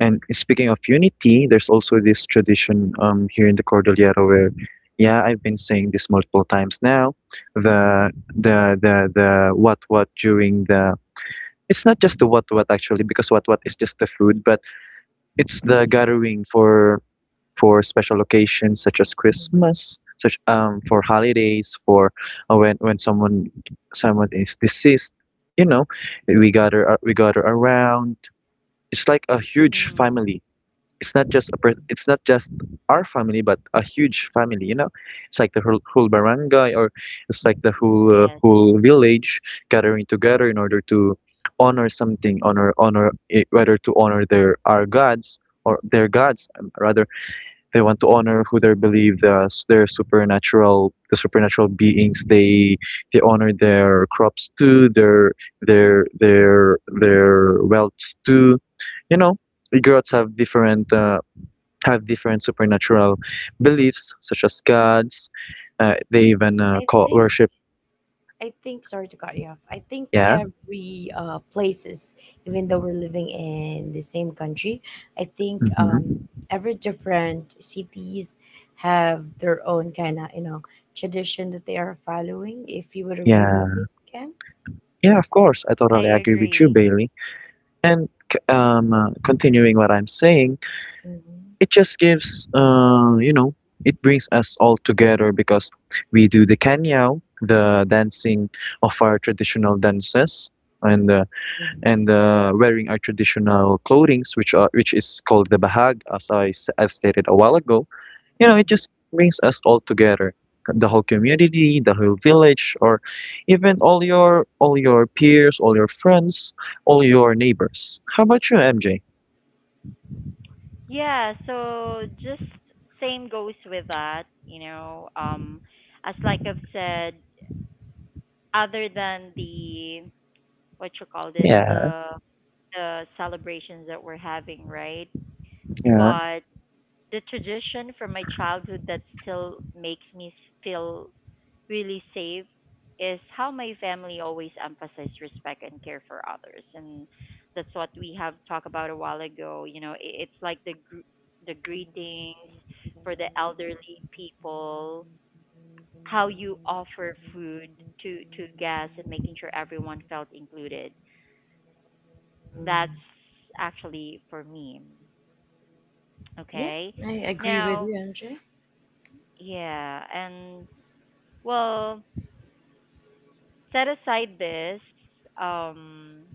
C: And speaking of unity, there's also this tradition um here in the Cordillera where, yeah, I've been saying this multiple times now, the the the the what what during the— it's not just the what what actually, because what what is just the food, but it's the gathering for for special occasions such as
B: Mm-hmm.
C: Christmas, such um for holidays, for uh, when when someone, someone is deceased, you know, we gather ar- we gather around. It's like a huge
A: Mm.
C: family. It's not just a per- it's not just our family, but a huge family. You know, it's like the whole, whole barangay, or it's like the
A: Yes,
C: whole, uh, whole village gathering together in order to honor something, honor honor i- whether to honor their our gods, or their gods, um, rather. They want to honor who they believe, the their supernatural, the supernatural beings. They they honor their crops too, their, their their their wealths too. You know, the girls have different, uh, have different supernatural beliefs such as gods. Uh, they even, uh,
B: I
C: call
B: think
C: worship.
B: I think sorry to cut you off. I think
C: Yeah.
B: every uh, places, even though we're living in the same country, I think
C: Mm-hmm.
B: um, every different cities have their own kind of you know tradition that they are following. If you would agree with me,
C: Yeah.
B: Ken.
C: Yeah. Of
A: I
C: course, I totally
A: agree.
C: agree with you, Bailey. And c- um, uh, continuing what I'm saying,
B: Mm-hmm.
C: it just gives uh you know it brings us all together, because we do the kanyaw, the dancing of our traditional dances, and uh,
B: Mm-hmm.
C: and uh, wearing our traditional clothings, which are which is called the bahag, as I s- I've stated a while ago. You know, it just brings us all together, the whole community, the whole village, or even all your all your peers, all your friends, all your neighbors. How about you, M J?
A: Yeah, so just same goes with that, you know. Um, as like I've said, other than the what you call this,
C: Yeah,
A: the the celebrations that we're having, right?
C: yeah. and
A: But the tradition from my childhood that still makes me s- feel really saved is how my family always emphasized respect and care for others, and that's what we have talked about a while ago. You know, i- it's like the gr- the greetings for the elderly people, how you offer food to to guests and making sure everyone felt included.
B: Mm.
A: That's actually for me,
B: Yeah,
A: okay,
B: I agree
A: now.
B: with you, M J.
A: Yeah, and well, set aside this, um,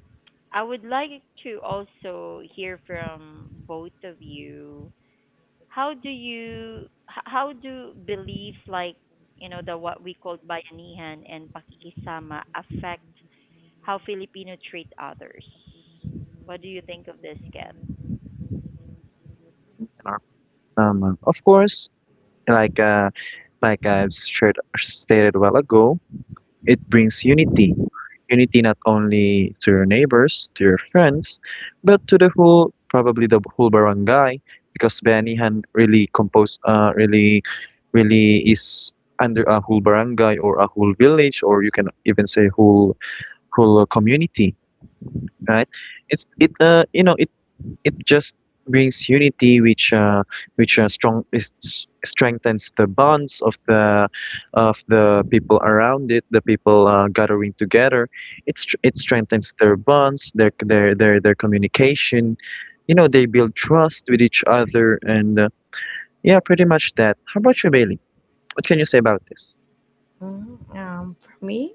A: I would like to also hear from both of you. How do you, h- how do beliefs like, you know, the what we call bayanihan and pakikisama affect how Filipino treat others? What do you think of this, Ken?
C: our- um, of course. Like, uh, like I've shared, stated a while ago, it brings unity. Unity not only to your neighbors, to your friends, but to the whole, probably the whole barangay, because Banihan really compose, uh, really, really is under a whole barangay, or a whole village, or you can even say whole whole, uh, community, right? It's it uh you know it it just brings unity, which uh, which uh, strong is, s- strengthens the bonds of the of the people around it, the people, uh, gathering together. It's str it strengthens their bonds, their their their their communication. You know, they build trust with each other, and uh, yeah, pretty much that. How about you, Bailey? What can you say about this?
B: Hmm. Um, for me,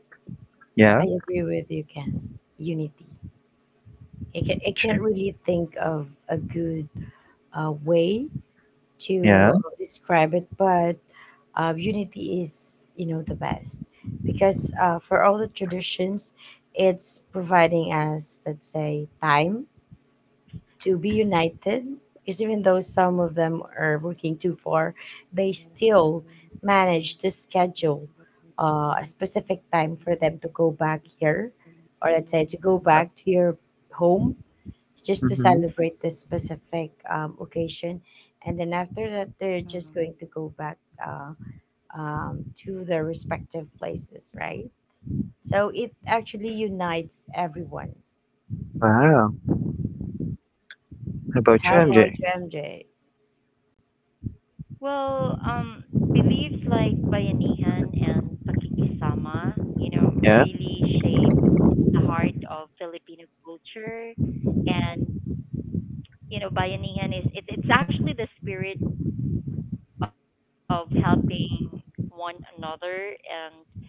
B: I
C: Yeah,
B: agree with you, Ken. Unity. I, ca- I
C: sure.
B: can't really think of a good uh, way to
C: Yeah.
B: uh, describe it, but uh, unity is, you know, the best because uh, for all the traditions, it's providing us, let's say, time to be united. Because even though some of them are working too far, they still manage to schedule uh, a specific time for them to go back here, or let's say to go back to your home just to
C: Mm-hmm.
B: celebrate this specific um, occasion. And then after that, they're
A: Mm.
B: just going to go back uh, um, to their respective places, right? So it actually unites everyone.
C: Wow. How about you,
B: How about
A: Yes.
C: M J?
B: you, M J?
A: Well, um, beliefs like bayanihan and pakikisama, you know,
C: Yeah.
A: really shape the heart of Filipino culture. And you know, bayanihan is it, it's actually the spirit of helping one another and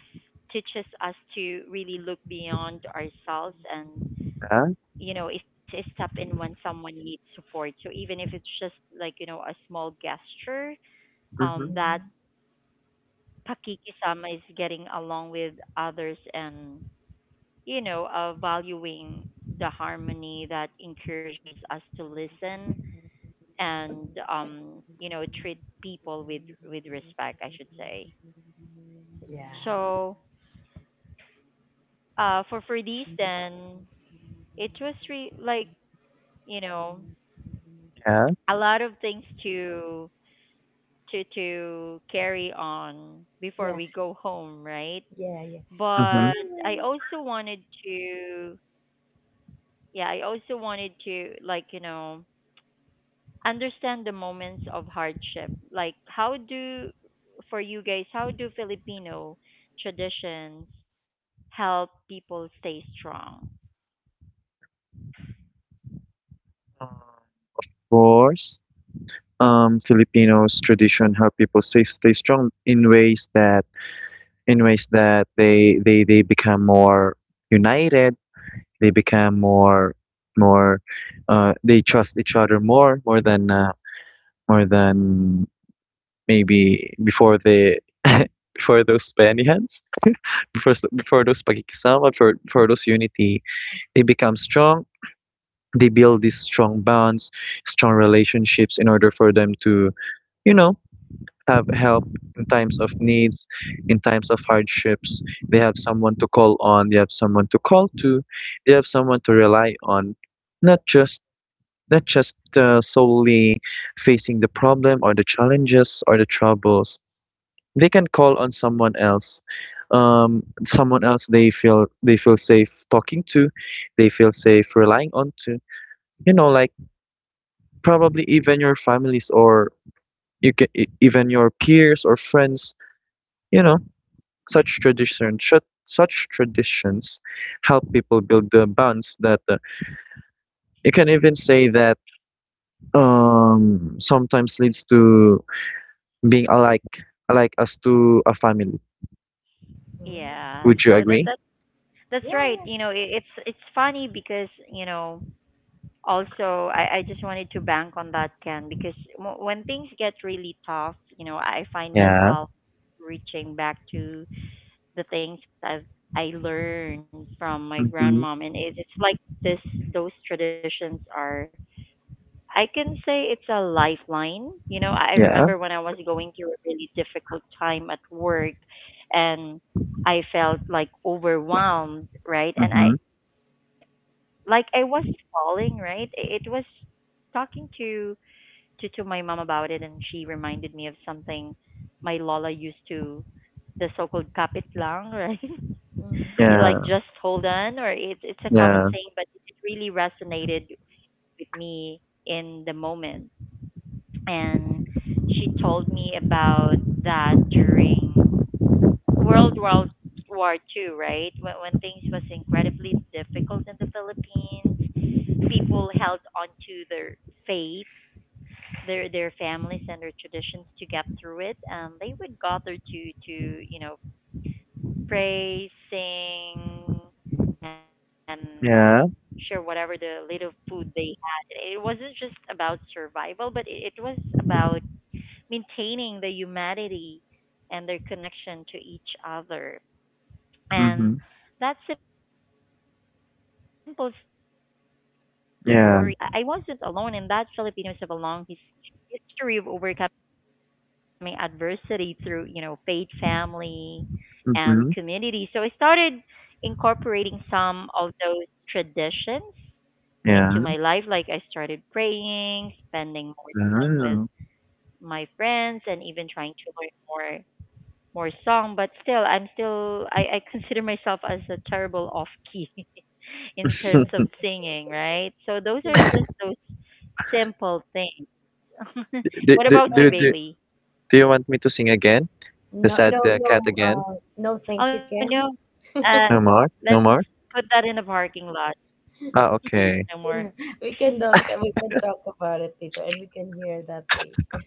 A: teaches us to really look beyond ourselves and,
C: Yeah.
A: you know, is a step in when someone needs support. So even if it's just like, you know a small gesture, um,
C: Mm-hmm.
A: that
B: Hmm.
A: pakikisama is getting along with others and, you know uh, valuing the harmony, that encourages us to listen and, um, you know treat people with with respect, I should say.
B: Yeah,
A: So, uh, for for these, then it was re- like, you know
C: Yeah.
A: a lot of things to to to carry on before
B: yeah,
A: we go home, right?
B: yeah, yeah. By
C: Mm-hmm.
A: but
B: the way,
A: i also wanted to yeah, I also wanted to like, you know, understand the moments of hardship. Like how do For you guys, how do Filipino traditions help people stay strong?
C: Of course. um, Filipinos tradition how people stay stay strong in ways that in ways that they they they become more united, they become more more uh, they trust each other more more than uh, more than maybe before the before those Spaniards before s- before those pakikisama for for those unity they become strong. They build these strong bonds, strong relationships in order for them to, you know, have help in times of needs, in times of hardships. They have someone to call on, they have someone to call to, they have someone to rely on, not just not just uh, solely facing the problem or the challenges or the troubles. They can call on someone else, um, someone else they feel they feel safe talking to, they feel safe relying on to. You know, like probably even your families or you can e, even your peers or friends. You know, such tradition should, such traditions help people build the bonds that uh, you can even say that um sometimes leads to being alike alike as to a family.
B: mm,
A: Yeah,
C: Would you
A: so that
C: agree?
A: that that's right.
B: yeah,
A: You know, it, it's it's funny because you know also I I just wanted to bank on that, Ken, because w- when things get really tough, you know, I find
C: Yeah.
A: myself reaching back to the things I've I learned from my
C: Mm-hmm.
A: grandmom, and it, it's like this, those traditions are. I can say it's a lifeline. You know, I I
C: Yeah.
A: remember when I was going through a really difficult time at work, and I felt like overwhelmed, right? And I
C: Mm-hmm.
A: like I was falling, right? It, it was talking to to to my mom about it, and she reminded me of something my Lola used to, the so-called kapit lang, right?
B: yeah, mm,
A: Like just
C: Yeah.
A: hold on. Or it's, it's a common saying,
C: Yeah.
A: but it really resonated with me in the moment. And she told me about that during world world War two, right? When, when things was incredibly difficult in the Philippines, people held onto their faith, their their families, and their traditions to get through it. Um they would gather to to you know praising and
C: Yeah.
A: share whatever the little food they had. It wasn't just about survival, but it, it was about maintaining the humanity and their connection to each other.
C: Mm-hmm.
A: And that simple story really stuck with me. And it
C: Yeah.
A: made me realize that I I wasn't alone, and that Filipinos have a long his- history of overcoming adversity through, you know, faith, family, and
C: Mm-hmm.
A: community. So I started incorporating some of those traditions
C: Yeah.
A: into my life. Like I started praying, spending more time with
C: Wow.
A: my friends, and even trying to learn more more song, but still, I'm still I, I consider myself as a terrible off key in terms of singing, right? So
B: yeah.
A: those are just those simple things.
C: Do,
B: But
C: do,
A: What
C: do,
A: about
C: do,
B: um,
A: you, Bailey?
C: do you want me to sing again? The
B: no,
C: sad
B: no,
C: uh,
B: no,
C: cat again?
B: uh, no. Thank you,
A: Oh
B: Ken.
A: no, uh,
C: No more? No
A: let's
C: more?
A: put that in the parking lot.
C: Ah,
A: No
C: okay.
A: more.
B: Yeah, we can talk. We can talk about it later, and we can hear that later.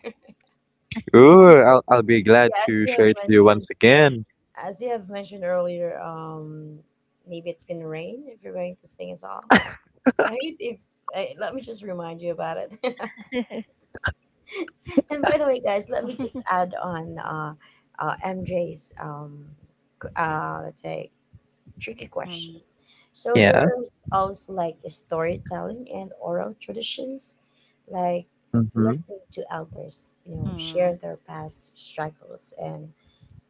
C: Ooh, I'll I'll be glad
B: Yeah, as
C: to
B: you
C: share
B: have
C: it to you once
B: mentioned,
C: again.
B: as you have mentioned earlier, um, maybe it's gonna rain if you're going to sing a song, right? If uh, let me just remind you about it. And by the way, guys, let me just add on uh, uh, M J's um, qu- uh, let's say tricky question.
A: Mm,
B: So
C: Yeah.
B: there is also like storytelling and oral traditions, like
C: Mm-hmm.
B: listening to elders, you know,
A: mm.
B: share their past struggles and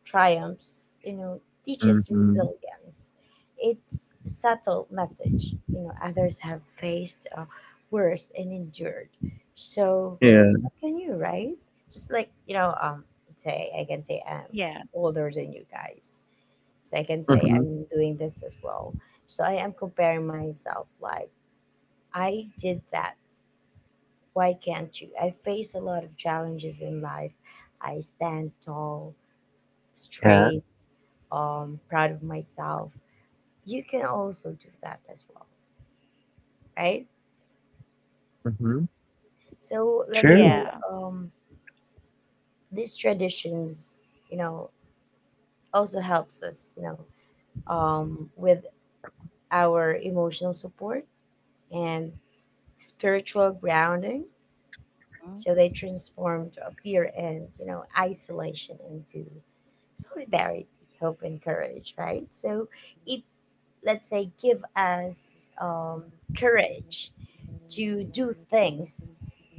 B: triumphs, you know, teaches
C: Mm-hmm.
B: resilience. It's subtle message, you know, others have faced uh, worse and endured. So
C: Yeah.
B: can you, right? Just like, you know, um, say I can say I'm
A: Yeah,
B: older than you guys. So I can say
C: Mm-hmm.
B: I'm doing this as well. So I am comparing myself like I did that. Why can't you? I face a lot of challenges in life. I stand tall,
C: Yeah.
B: straight, um, proud of myself, you can also do that as well, right?
C: Mm-hmm.
B: So let's
C: True.
B: say
A: yeah.
B: um, these traditions, you know, also helps us, you know, um, with our emotional support and spiritual grounding.
A: Mm.
B: So they transformed fear and, you know, isolation into solidarity, hope, and courage, right? So it let's say give us um, courage to do things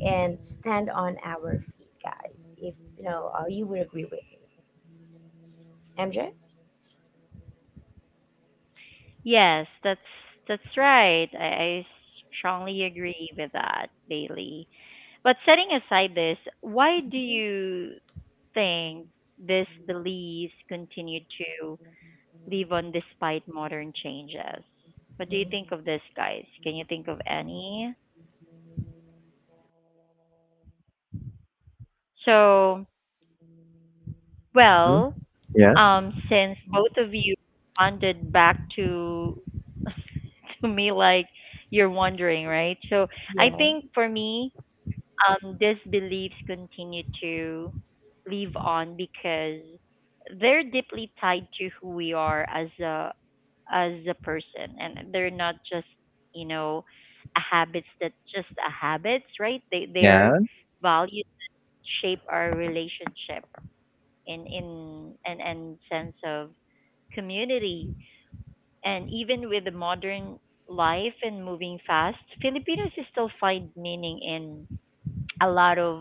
B: and stand on our feet guys if you know uh, you would agree with me, MJ.
A: Yes, that's that's right. I, I strongly agree with that, Bailey. But setting aside this, why do
B: Mhm.
A: you think these beliefs continue to live on despite modern changes? What do you
B: Mm-hmm.
A: think of this, guys? Can you think of any? So,
C: Mm-hmm.
A: well,
C: Yeah.
A: um, since both of you responded back to to me like you're wondering, right? So, I
B: Yeah.
A: think for me, um, these beliefs continue to live on because they're deeply tied to who we are as a as a person, and they're not just, you know a habits that just a habits, right? They
C: Yeah.
A: Their values shape our relationship in in and and sense of community. And even with the modern life and moving fast, Filipinos still find meaning in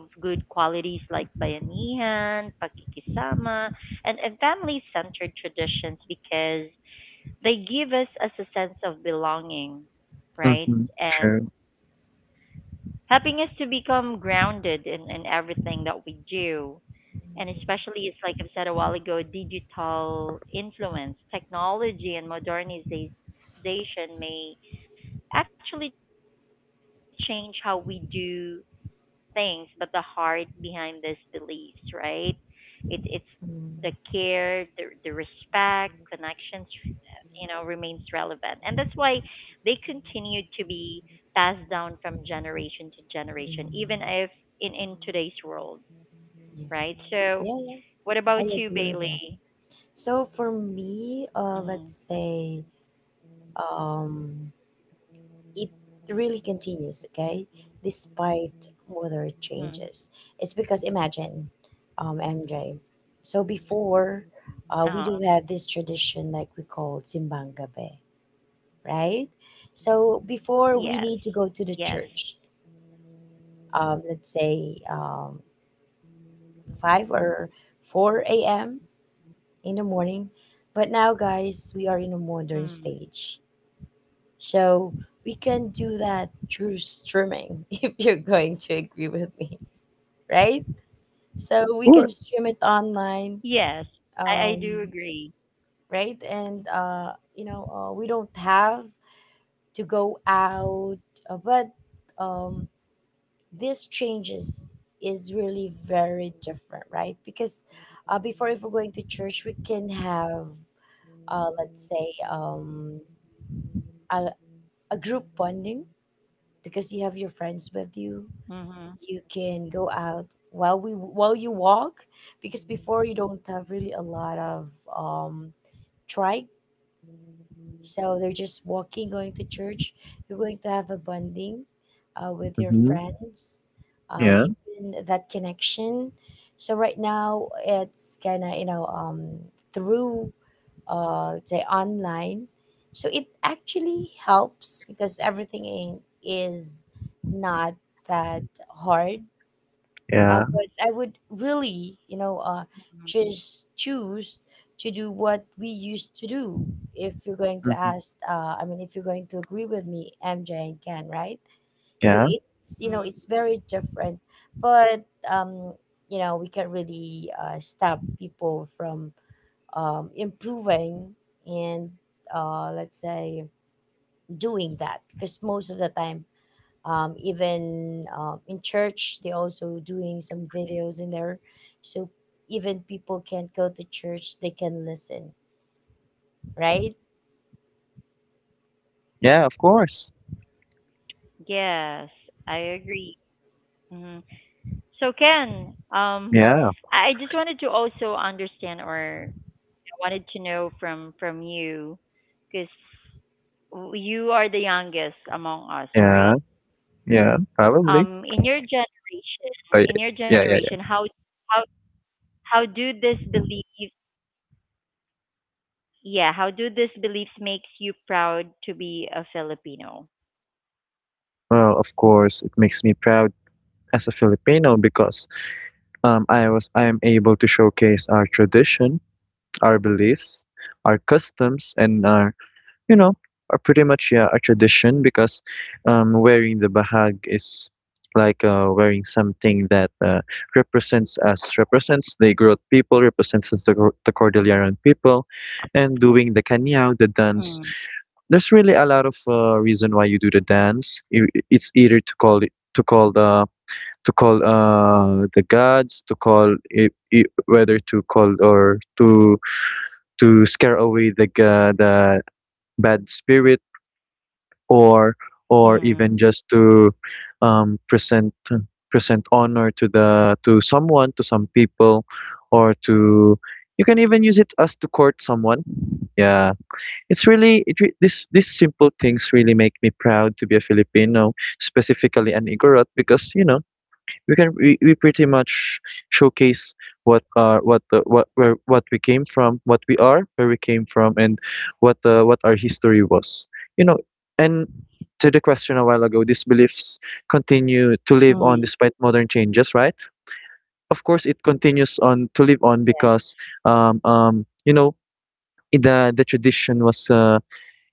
A: a lot of good qualities like bayanihan, pakikisama, and, and family centered traditions, because they give us as a sense of belonging,
C: Mm-hmm.
A: right?
C: True.
A: And helping us to become grounded in, in everything that we do. And especially, it's like I've said a while ago, digital influence, technology, and modernization may actually change how we do things, but the heart behind these beliefs, right? It, it's the care,
B: Mm.
A: the, the respect, connections, you know, remains relevant. And that's why they continue to be passed down from generation to generation, even if
B: Mm.
A: in, in today's world, right? So,
B: Yeah, yeah, yeah,
A: what about you,
B: I
A: Bailey?
B: agree with that. So for me, uh
A: Mm-hmm.
B: let's say um it really continues, okay? Despite weather
A: Hmm.
B: changes. It's because imagine, um, M J. So before, uh, we do
A: Uh,
B: have this tradition like we call Simbang Gabi, right? So before we need
A: yes,
B: to go to the
A: yes,
B: church, um, let's say um, five or four a m in the morning. But now, guys, we are in a modern
A: mm,
B: stage. So we can do that through streaming if you're going to agree with me, right? So we can
C: Sure.
B: stream it online,
A: yes, I, I
B: um,
A: do agree.
B: right? And uh, you know, uh, we don't have to go out, uh, but um, this changes is really very different, right? Because uh, before, if we're going to church, we can have, uh, let's say, um, a, a group bonding because you have your friends with you.
A: Mm-hmm. Mm-hmm.
B: You can go out while we while you walk, because before you don't have really a lot of um trike, so they're just walking going to church. You're going to have a bonding uh, with your
C: Mm-hmm.
B: friends, uh,
C: Yeah.
B: deepen that connection. So right now it's kind of you know um through uh let's say online, so it actually helps because everything in- is not that hard, uh,
C: Yeah.
B: but I would really, you know, uh, just choose to do what we used to do. If you're going to
C: Mm-hmm.
B: ask, uh, I mean, if you're going to agree with me, M J and Ken, right? So
C: Yeah.
B: it's you know it's
A: Mm,
B: very different, but um, you know we can't really uh, stop people from um, improving and uh, let's say doing that because most of the time um, even um, in church they also doing some videos in there, so even people can't go to church they can listen, right?
C: Yeah, of course.
A: yes, I agree. Hmm. So Ken, um,
C: Yeah.
A: I I just wanted to also understand, or I wanted to know from from you, because you are the youngest among us,
C: Yeah.
A: right?
C: Yeah. Probably.
A: Um, in your generation,
C: Oh, yeah.
A: in your
C: Yeah. Yeah. Yeah.
A: generation, how how how do this belief, yeah, how do these beliefs makes you proud to be a Filipino?
C: Well, of course, it makes me proud as a Filipino because um, I was I am able to showcase our tradition, our beliefs, our customs, and our, you know, our pretty much yeah, our tradition because um, wearing the bahag is like uh, wearing something that uh, represents us, represents the Igorot people, represents the, Cor- the Cordilleran people, and doing the kanyao, the dance.
A: Mm.
C: There's really a lot of uh, reason why you do the dance. You, it's either to call it to call the to call uh the gods, to call it, it, whether to call or to to scare away the ga- the bad spirit, or or even just to
A: Mm.
C: um present present honor to the to someone, to some people, or to, you can even use it as to court someone. Yeah, it's really it re- this, these simple things really make me proud to be a Filipino, specifically an Igorot, because you know we can we, we pretty much showcase what are what the what where what we came from, what we are, where we came from, and what uh, what our history was, you know. And to the question a while ago, these beliefs continue to live on despite modern
A: Mm.
C: changes, right? Of course it continues on to live on because um
A: Yes.
C: um you know, the the tradition was uh,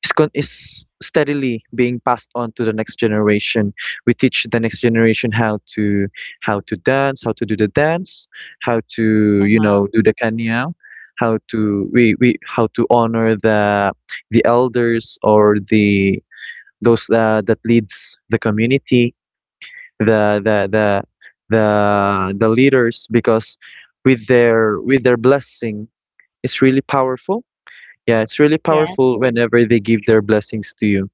C: is con- is steadily being passed on to the next generation. We teach the next generation how to, how to dance, how to do the dance, how to, you know, do the kanya,
A: Uh huh.
C: how to we, we how to honor the the elders, or the those uh, that leads the community, the the the the the leaders, because with their with their blessing it's really powerful. Yeah, it's really powerful whenever they give their blessings
A: Yes.
C: to you,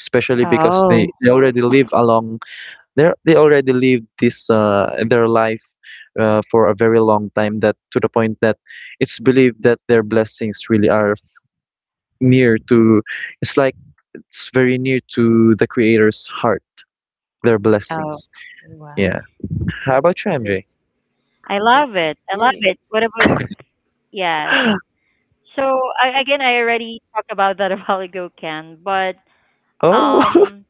C: especially because they, they already live along,
A: Oh.
C: they they already live this uh, their life uh, for a very long time, that to the point that it's believed that their blessings really are near to, it's like, it's very near to the creator's heart, their blessings. Yeah.
B: Wow.
C: How about
A: Oh.
C: you, M J?
B: that's
A: I love
B: that's
A: it. I love
B: big.
A: it. What about yes? So I, again, I already talked about that a while ago, Ken. But
C: Oh.
A: um,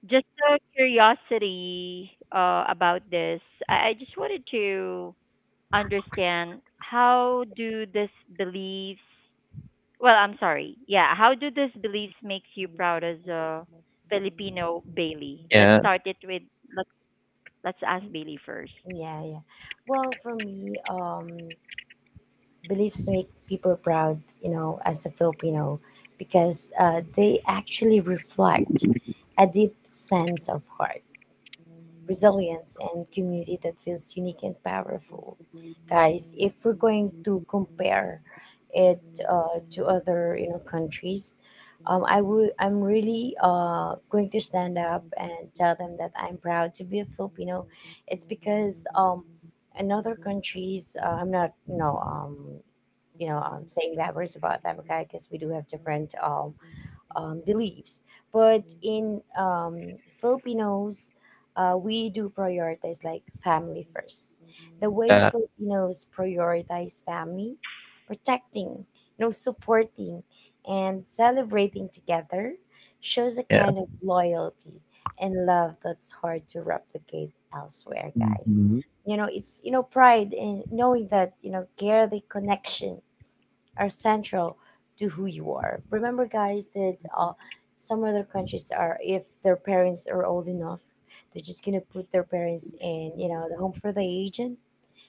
A: just a curiosity uh about this. I, I just wanted to understand how do this beliefs. Well, I'm sorry. Yeah, how do these beliefs makes you proud as a Filipino, Bailey?
C: Yeah.
A: Let's start it with let Let's ask Bailey first.
B: Yeah, yeah. Well, for me, um beliefs make people proud, you know, as a Filipino, because uh, they actually reflect a deep sense of heart, resilience, and community that feels unique and powerful. Guys, if we're going to compare it uh, to other you know countries, um, I would I'm really uh, going to stand up and tell them that I'm proud to be a Filipino. It's because um, in other countries, uh, I'm not you know um, you know um, saying bad words about them, okay? Because we do have different um, um, beliefs. But in um, Filipinos, uh, we do prioritize like family first. The way
C: Yeah.
B: Filipinos prioritize family, protecting, you know, supporting, and celebrating together shows a
C: Yeah.
B: kind of loyalty and love that's hard to replicate elsewhere, guys.
C: Mm-hmm.
B: You know, it's you know pride in knowing that you know care the connection are central to who you are. Remember, guys, that uh, some other countries are, if their parents are old enough, they're just gonna put their parents in, you know, the home for the aged,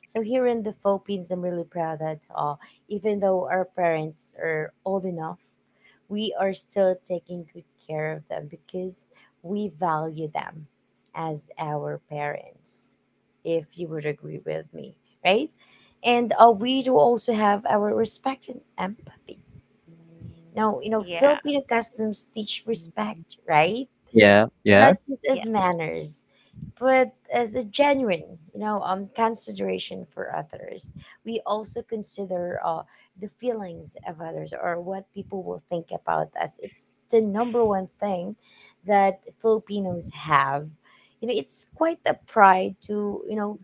B: so here in the Philippines, I'm really proud that uh, even though our parents are old enough, we are still taking good care of them because we value them as our parents. If you would agree with me, right? And uh, we do also have our respect and empathy. Now, you know, Filipino
A: Yeah.
B: customs teach respect, right?
C: Yeah. Yeah.
B: Not just as manners, but as a genuine, you know, um, consideration for others. We also consider uh, the feelings of others or what people will think about us. It's the number one thing that Filipinos have. You know, it's quite a pride to, you know,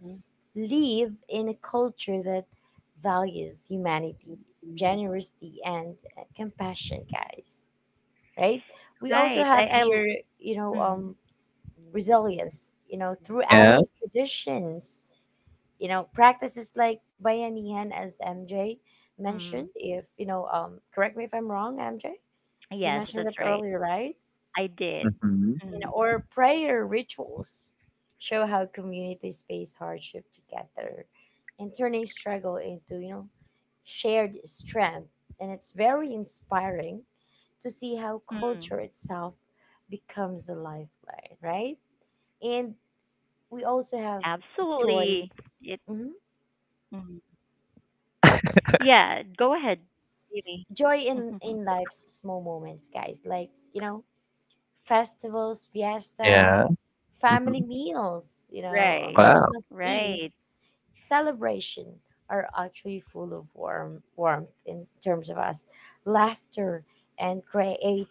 A: Yeah.
B: live in a culture that values humanity, generosity, and uh, compassion, guys. Right? We also have
A: Right.
B: here,
A: I, I l-
B: you know, um,
A: mm,
B: resilience, you know, through our
C: Yeah.
B: traditions. You know, practices like bayanihan, as M J mentioned. If
A: mm,
B: you know, um, correct me if I'm wrong, M J. You mentioned that
A: yes,
B: earlier,
A: that's
B: right?
A: right. I
C: Mm-hmm.
A: did.
B: You know, or
A: Mm,
B: prayer rituals show how communities face hardship together, and turning struggle into you know shared strength. And it's very
A: mm,
B: inspiring to see how culture itself becomes a lifeline, right? And we
A: absolutely.
B: also have
A: It.
B: joy.
A: Mm.
B: Mhm.
A: Yeah. Go ahead. Really.
B: Joy in in life's small moments, guys, like you know festivals, fiesta,
C: Yeah. Mm-hmm.
B: family meals, you
A: Right.
B: know, um,
C: Wow.
B: Christmas
A: Right.
B: eves, celebration, are actually full of warm warmth in terms of us, laughter, and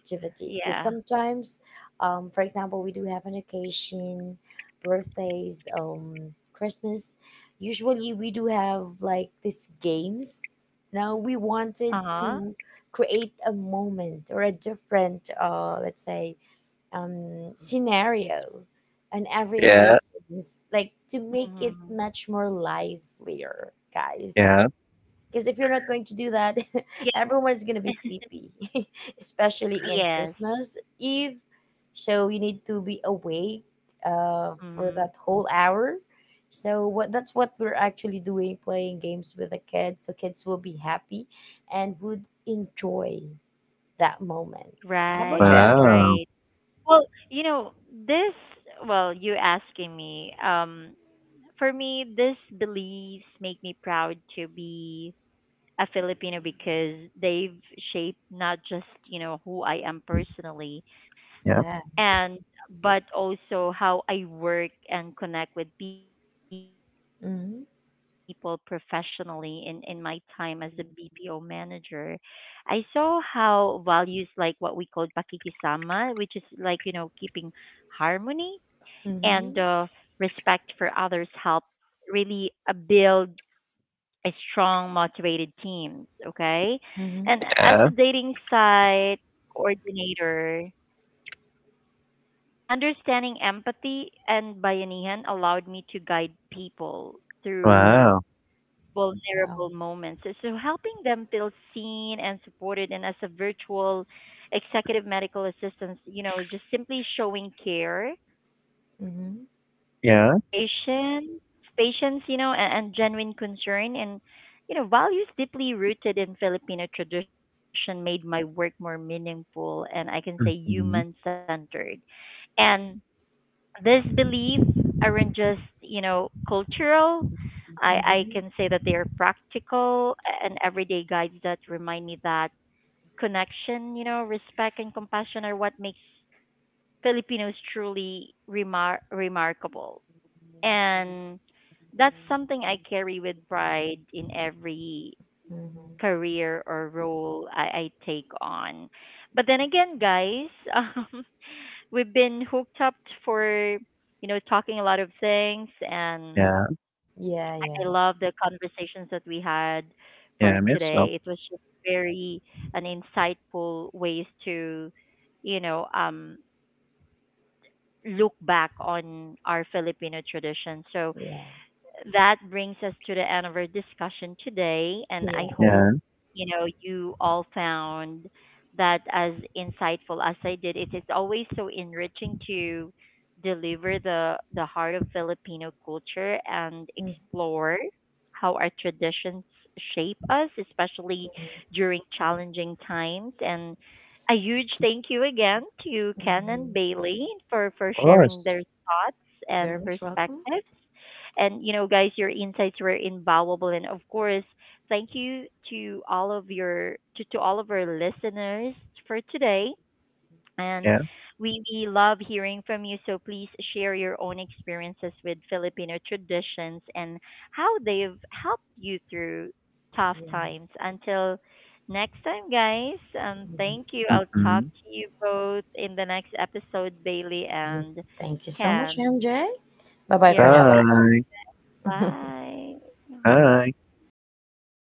A: Yeah.
B: because sometimes um, for example we do have an occasion, birthdays, um, Christmas, usually we do have like these games. Now we
A: Uh
B: wanted
A: huh.
B: to create a moment or a different uh, let's say um, scenario on every
C: Yeah.
B: occasion, like to make it
A: Mm-hmm.
B: much more livelier, guys.
C: Yeah.
B: Because if you're not going to do that,
A: Yeah.
B: everyone's gonna be sleepy, especially in
A: Yes.
B: Christmas Eve. So you need to be awake uh, for that
A: Mm.
B: whole hour. So what that's what we're actually doing, playing games with the kids. So kids will be happy and would enjoy that moment. How about you,
A: Right.
B: M J?
C: Wow.
A: Right. Well, you know this. Well, you asking me. Um, for me, these beliefs make me proud to be a Filipino because they've shaped not just, you know, who I am personally
C: Yeah.
B: Yeah.
A: and but also how I work and connect with people professionally in,
B: Mhm.
A: in my time as a B P O manager. I saw how values like what we call pakikisama, which is like, you know, keeping harmony and uh, respect
B: Mhm,
A: for others help really uh, build a strong, motivated teams, okay? And
B: mhm,
A: as a
C: Yeah.
A: dating site coordinator, understanding empathy and bayanihan allowed me to guide people
B: mm,
C: Wow.
A: through
B: wow.
A: vulnerable moments. So so helping them feel seen and supported and as a virtual executive medical assistant, you know, just simply showing care
B: Mhm,
C: Yeah.
A: patience, patience, you know, and, and genuine concern and you know, values deeply rooted in Filipino tradition made my work more meaningful and I can say
C: Mhm.
A: human centered. And these beliefs aren't just, you know, cultural. I, I
B: mhm,
A: can say that they are practical and everyday guides that remind me that connection, you know, respect and compassion are what makes Filipinos truly remar- remarkable. And that's something I carry with pride in every
B: mhm.
A: career or role I, I take on. But then again, guys, um, we've been hooked up for, you know, talking a lot of things. And
C: Yeah.
B: Yeah, yeah,
A: I love the conversations that we had
C: Yeah,
A: for
C: me as well.
A: today. It was just very an insightful ways to, you know, um, look back on our Filipino tradition. So
B: yeah,
A: that brings us to the end of our discussion today. And I
B: yeah.
A: hope,
C: Yeah, of
A: you know, you all found that as insightful as I did. It is always so enriching to deliver the, the heart of Filipino culture and
B: Mm,
A: explore how our traditions shape us, especially
B: mhm,
A: during challenging times. And a huge thank you again to Ken and
B: mhm.
A: Bailey for, for
C: course.
A: sharing their thoughts and
B: Very much welcome.
A: perspectives. And you know, guys, your insights were invaluable. And of course, thank you to all of your to, to all of our listeners for today. And
C: Yeah.
A: we, we love hearing from you. So please share your own experiences with Filipino traditions and how they've helped you through tough times.
B: Yes.
A: Until next time, guys. Um,
B: Mhm,
A: thank you. I'll talk
C: Mhm.
A: to you both in the next episode, Bailey
B: yeah.
A: and
B: Thank you so much,
A: Ken.
B: M J. Bye bye
A: You're
B: for now,
A: always
C: Bye.
B: guys.
A: bye. Yeah,
C: Bye.
A: bye.